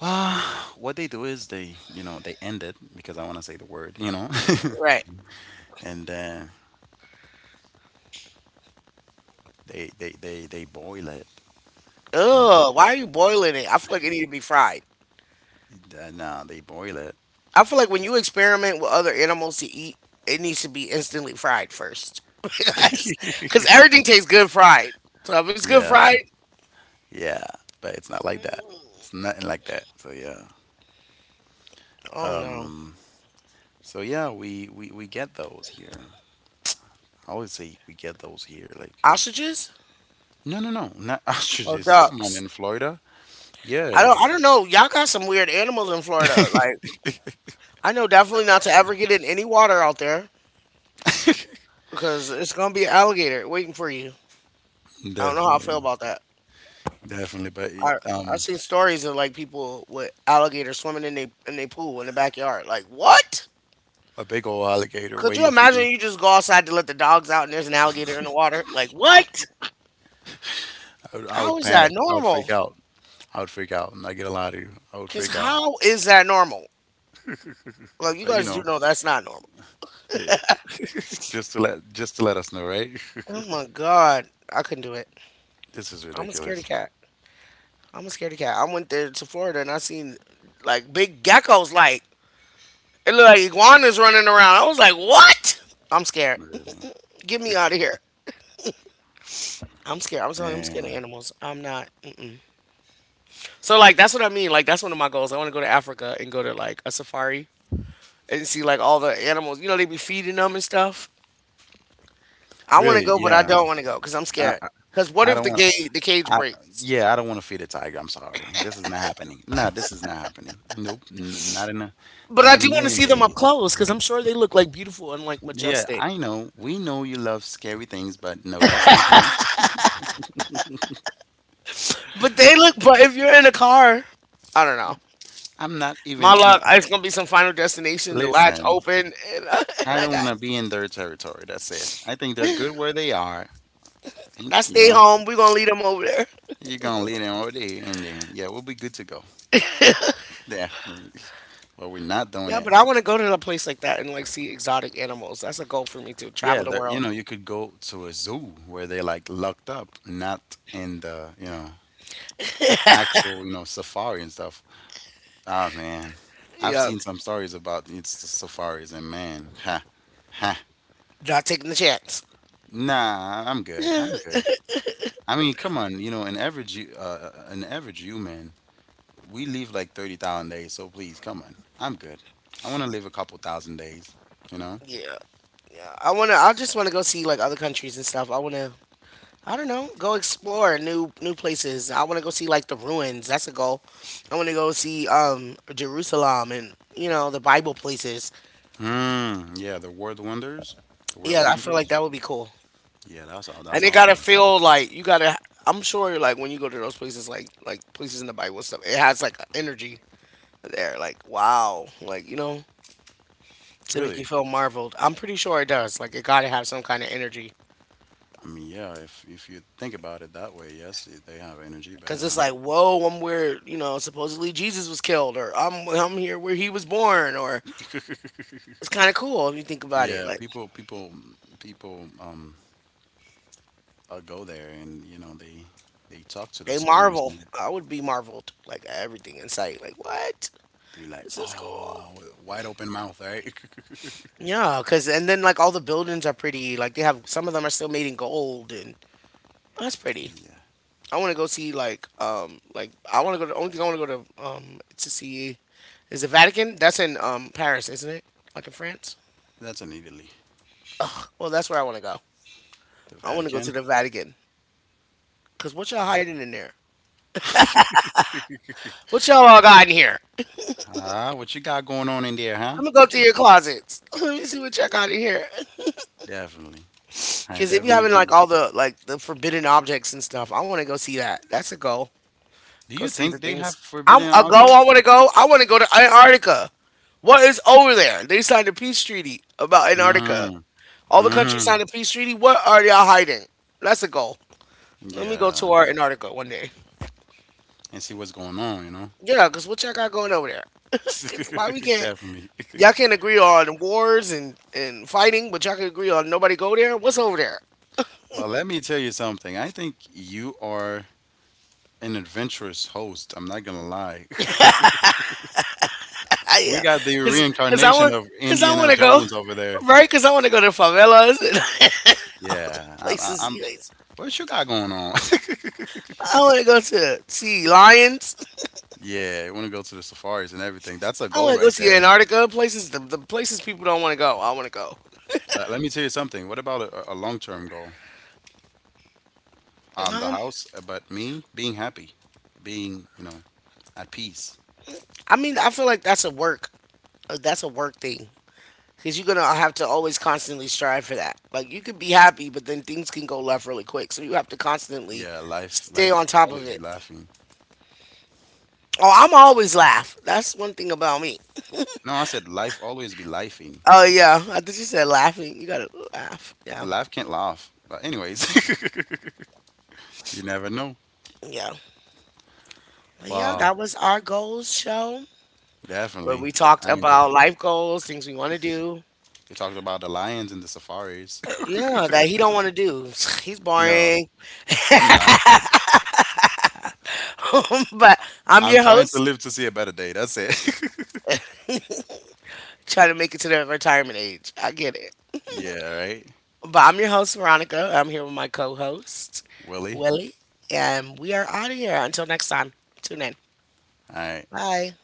Speaker 2: well, <sighs> what they do is they you know they end it because I want to say the word you know,
Speaker 1: Right.
Speaker 2: <laughs> and then they they they they boil it and
Speaker 1: Ugh, why are you boiling it? I feel like it needs to be fried.
Speaker 2: th- nah they boil it.
Speaker 1: I feel like when you experiment with other animals to eat, it needs to be instantly fried first. <laughs> because 'cause
Speaker 2: <laughs>
Speaker 1: everything tastes good fried. So if it's good
Speaker 2: Yeah,
Speaker 1: fried,
Speaker 2: yeah, but it's not like that. It's nothing like that. So yeah.
Speaker 1: oh no.
Speaker 2: Um. So yeah, we we we get those here. I always say we get those here. Like
Speaker 1: Ostriches?
Speaker 2: no, no, no, not <laughs>
Speaker 1: Oh,
Speaker 2: ostriches. Come on,
Speaker 1: ducks.
Speaker 2: in Florida.
Speaker 1: I
Speaker 2: Yeah,
Speaker 1: don't I don't know. Y'all got some weird animals in Florida. Like
Speaker 2: <laughs>
Speaker 1: I know definitely not to ever get in any water out there because it's gonna be an alligator waiting for you. I don't know how I feel
Speaker 2: definitely,
Speaker 1: about that.
Speaker 2: definitely. But it,
Speaker 1: I I
Speaker 2: um,
Speaker 1: seen stories of like people with alligators swimming in they in they pool in the backyard. Like what?
Speaker 2: a big old alligator
Speaker 1: Could you
Speaker 2: waiting for you.
Speaker 1: imagine you just go outside to let the dogs out and there's an alligator in the water? Like what?
Speaker 2: I would, I
Speaker 1: How
Speaker 2: would
Speaker 1: is that
Speaker 2: panic. I would
Speaker 1: normal?
Speaker 2: freak out. I would freak out. I'm not gonna lie to you. I would
Speaker 1: Cause
Speaker 2: freak out.
Speaker 1: how is that normal? Like you
Speaker 2: But you
Speaker 1: guys do
Speaker 2: know,
Speaker 1: know that's not normal.
Speaker 2: eh, <laughs> just to let just to let us know, right? <laughs>
Speaker 1: Oh my god, I couldn't do it.
Speaker 2: this is
Speaker 1: I'm a scaredy
Speaker 2: ridiculous.
Speaker 1: cat. I'm a scaredy cat. I went there to Florida and I seen like big geckos. Like it looked like iguanas running around. I was like, what? I'm scared.
Speaker 2: Really.
Speaker 1: <laughs> Get me out of here.
Speaker 2: <laughs>
Speaker 1: I'm scared. I'm telling you, I'm scared
Speaker 2: Yeah.
Speaker 1: of animals. I'm not. Mm. So like that's what I mean. Like that's one of my goals. I want to go to Africa and go to like a safari and see like all the animals. You know they be feeding them and stuff. I want to
Speaker 2: Really,
Speaker 1: go, but I
Speaker 2: yeah.
Speaker 1: don't want to go because I'm
Speaker 2: I
Speaker 1: scared.
Speaker 2: I
Speaker 1: Because what
Speaker 2: I
Speaker 1: if
Speaker 2: don't
Speaker 1: the
Speaker 2: want
Speaker 1: gate the cage
Speaker 2: I
Speaker 1: breaks?
Speaker 2: yeah, I don't want to feed a tiger. I'm sorry. This is not happening. No, this is not happening. Nope. N Not in a
Speaker 1: But
Speaker 2: not
Speaker 1: I
Speaker 2: in a
Speaker 1: do want to
Speaker 2: million
Speaker 1: see them up
Speaker 2: days.
Speaker 1: close because I'm sure they look like beautiful and like
Speaker 2: Yeah,
Speaker 1: majestic.
Speaker 2: I know. We know you love scary things, but no, that's not for me.
Speaker 1: But they look. But if you're in a car, I don't know.
Speaker 2: I'm not
Speaker 1: My
Speaker 2: even no.
Speaker 1: luck. It's gonna be some Final Destination. The latch
Speaker 2: Listen,
Speaker 1: open and, <laughs> and
Speaker 2: I
Speaker 1: I
Speaker 2: don't
Speaker 1: got.
Speaker 2: want to be in their territory. That's it. I think they're good where they are. Think,
Speaker 1: I
Speaker 2: you
Speaker 1: stay
Speaker 2: know,
Speaker 1: home. We gonna leave them over there.
Speaker 2: you're gonna lead them all day, and then yeah, we'll be good to go. Definitely. <laughs> But we're not doing
Speaker 1: Yeah, but
Speaker 2: it.
Speaker 1: I want to go to a place like that and like see exotic animals. That's a goal for me to
Speaker 2: Yeah,
Speaker 1: travel the
Speaker 2: there, you
Speaker 1: world.
Speaker 2: know, you could go to a zoo where they like locked up, not in the, you know, actual, you know, safari and stuff. Ah, man. I've
Speaker 1: Yeah,
Speaker 2: seen some stories about it's the safaris and man, ha, ha.
Speaker 1: not taking the chance.
Speaker 2: Nah, I'm good. I'm good. I mean, come on, you know, an average hu- uh, uh, uh, an average human, we live like thirty thousand days, so please, come on. I'm good. I want to live a couple thousand days, you know?
Speaker 1: Yeah, yeah. I wanna. I just want to go see like other countries and stuff. I wanna. I don't know. Go explore new new places. I want to go see like the ruins. That's a goal. I want to go see um Jerusalem and you know the Bible places.
Speaker 2: Hmm, yeah, the world wonders. The world
Speaker 1: Yeah, I feel like
Speaker 2: wonders.
Speaker 1: that would be cool.
Speaker 2: Yeah, that's aw- that's
Speaker 1: And it gotta
Speaker 2: awesome.
Speaker 1: feel like you gotta. I'm sure like when you go to those places, like like places in the Bible and stuff, it has like energy there. Like wow, like you know. To make you
Speaker 2: Really?
Speaker 1: feel marveled. I'm pretty sure it does. Like it got to have some kind of energy
Speaker 2: I mean, yeah, if if you think about it that way, yes, they they have energy, but
Speaker 1: because it's like, whoa, I'm where you know supposedly Jesus was killed, or I'm I'm here where he was born, or
Speaker 2: huh?
Speaker 1: it's
Speaker 2: <laughs>
Speaker 1: kind of cool if you think about it.
Speaker 2: Yeah,
Speaker 1: Like
Speaker 2: people people people um uh, go there and you know they they talk to the
Speaker 1: they
Speaker 2: stones
Speaker 1: marvel.
Speaker 2: and
Speaker 1: I would be marveled like at everything in sight. Like what?
Speaker 2: they be like,
Speaker 1: This is cool.
Speaker 2: "Oh, with a wide open mouth, right?" <laughs>
Speaker 1: Yeah, cause and then like all the buildings are pretty. Like they have, some of them are still made in gold, and that's pretty.
Speaker 2: Yeah.
Speaker 1: I want to go see like um like I want to go to only thing I want to go to um to see is the Vatican. That's in um Paris, isn't it? Like in France.
Speaker 2: That's in Italy.
Speaker 1: Well, that's where I want to go.
Speaker 2: The
Speaker 1: I want to go to
Speaker 2: Vatican.
Speaker 1: the Vatican. Cause what y'all hiding in there?
Speaker 2: <laughs>
Speaker 1: What y'all all got in here?
Speaker 2: Ah, what you got going on in there, huh?
Speaker 1: I'm gonna go
Speaker 2: What
Speaker 1: through
Speaker 2: you-
Speaker 1: your closets. <laughs> Let me see what y'all got in here.
Speaker 2: Definitely. I
Speaker 1: Cause if you
Speaker 2: definitely
Speaker 1: having
Speaker 2: agree
Speaker 1: like
Speaker 2: with.
Speaker 1: all the like the forbidden objects and stuff, I want to go see that. That's a goal.
Speaker 2: Do
Speaker 1: Go
Speaker 2: you
Speaker 1: see the
Speaker 2: think they
Speaker 1: things.
Speaker 2: have
Speaker 1: I'm
Speaker 2: forbidden
Speaker 1: a go. I
Speaker 2: objects?
Speaker 1: want to go. I want to go to Antarctica. What is over there? They signed a peace treaty about Antarctica.
Speaker 2: Mm,
Speaker 1: All the countries
Speaker 2: hmm.
Speaker 1: signed a peace treaty. What are y'all hiding? That's a goal. Let me go
Speaker 2: Yeah.
Speaker 1: tour Antarctica one day.
Speaker 2: And see what's going on, you know?
Speaker 1: Yeah, because what y'all got going over there? It's why we
Speaker 2: <laughs>
Speaker 1: can't.
Speaker 2: Definitely.
Speaker 1: Y'all
Speaker 2: <laughs>
Speaker 1: can't agree on wars and, and fighting, but y'all can agree on nobody go there. What's over there?
Speaker 2: Well, let me tell you something. I think you are an adventurous host. I'm not gonna lie. <laughs>
Speaker 1: <laughs>
Speaker 2: We
Speaker 1: Yeah,
Speaker 2: got the
Speaker 1: because cause 'cause I
Speaker 2: reincarnation
Speaker 1: want
Speaker 2: of
Speaker 1: because I want
Speaker 2: Indiana
Speaker 1: to go
Speaker 2: Jones over there.
Speaker 1: right because I want to go to favelas and
Speaker 2: Yeah,
Speaker 1: <laughs>
Speaker 2: I, I,
Speaker 1: places.
Speaker 2: I'm.
Speaker 1: You guys-
Speaker 2: What you got going on? <laughs>
Speaker 1: I want to go to see lions.
Speaker 2: Yeah, you want to go to the safaris and everything. That's a
Speaker 1: I
Speaker 2: goal
Speaker 1: want to go
Speaker 2: right
Speaker 1: see
Speaker 2: there.
Speaker 1: Antarctica places. The, the places people don't want to go. I want to go.
Speaker 2: But let me tell you something. What about a, a long-term goal? Um, the
Speaker 1: Um,
Speaker 2: house, uh, but me being happy, being, you know, at peace.
Speaker 1: I mean, I feel like that's a work. uh, That's a work thing, because you're gonna have to always constantly strive for that. Like you could be happy, but then things can go left really quick. So you have to constantly
Speaker 2: Yeah, life,
Speaker 1: stay
Speaker 2: life
Speaker 1: on top of
Speaker 2: always be
Speaker 1: it.
Speaker 2: laughing.
Speaker 1: Oh, I'm always laugh. That's one thing about me.
Speaker 2: No, I said life always be lifing.
Speaker 1: Oh yeah, I thought you said laughing. You gotta laugh. Yeah,
Speaker 2: Life can't laugh. But anyways, <laughs> you never know.
Speaker 1: yeah, but yeah.
Speaker 2: Wow,
Speaker 1: That was our goals show where
Speaker 2: definitely.
Speaker 1: we talked
Speaker 2: I enjoy.
Speaker 1: about life goals, things we want to do.
Speaker 2: We talked about the lions and the safaris.
Speaker 1: Uh,
Speaker 2: <laughs>
Speaker 1: Yeah, that he don't want to do. <sighs> <laughs> He's
Speaker 2: No,
Speaker 1: boring.
Speaker 2: I'm not.
Speaker 1: <laughs> But I'm
Speaker 2: I'm
Speaker 1: your
Speaker 2: trying to
Speaker 1: host,
Speaker 2: live to see a better day. That's it.
Speaker 1: trying to make it to the retirement age. I get it.
Speaker 2: <laughs> yeah, right,
Speaker 1: But I'm your host, Veronica. I'm here with my co host,
Speaker 2: Willie.
Speaker 1: Willie. And we are out of here. Until next time, tune in.
Speaker 2: All right.
Speaker 1: Bye.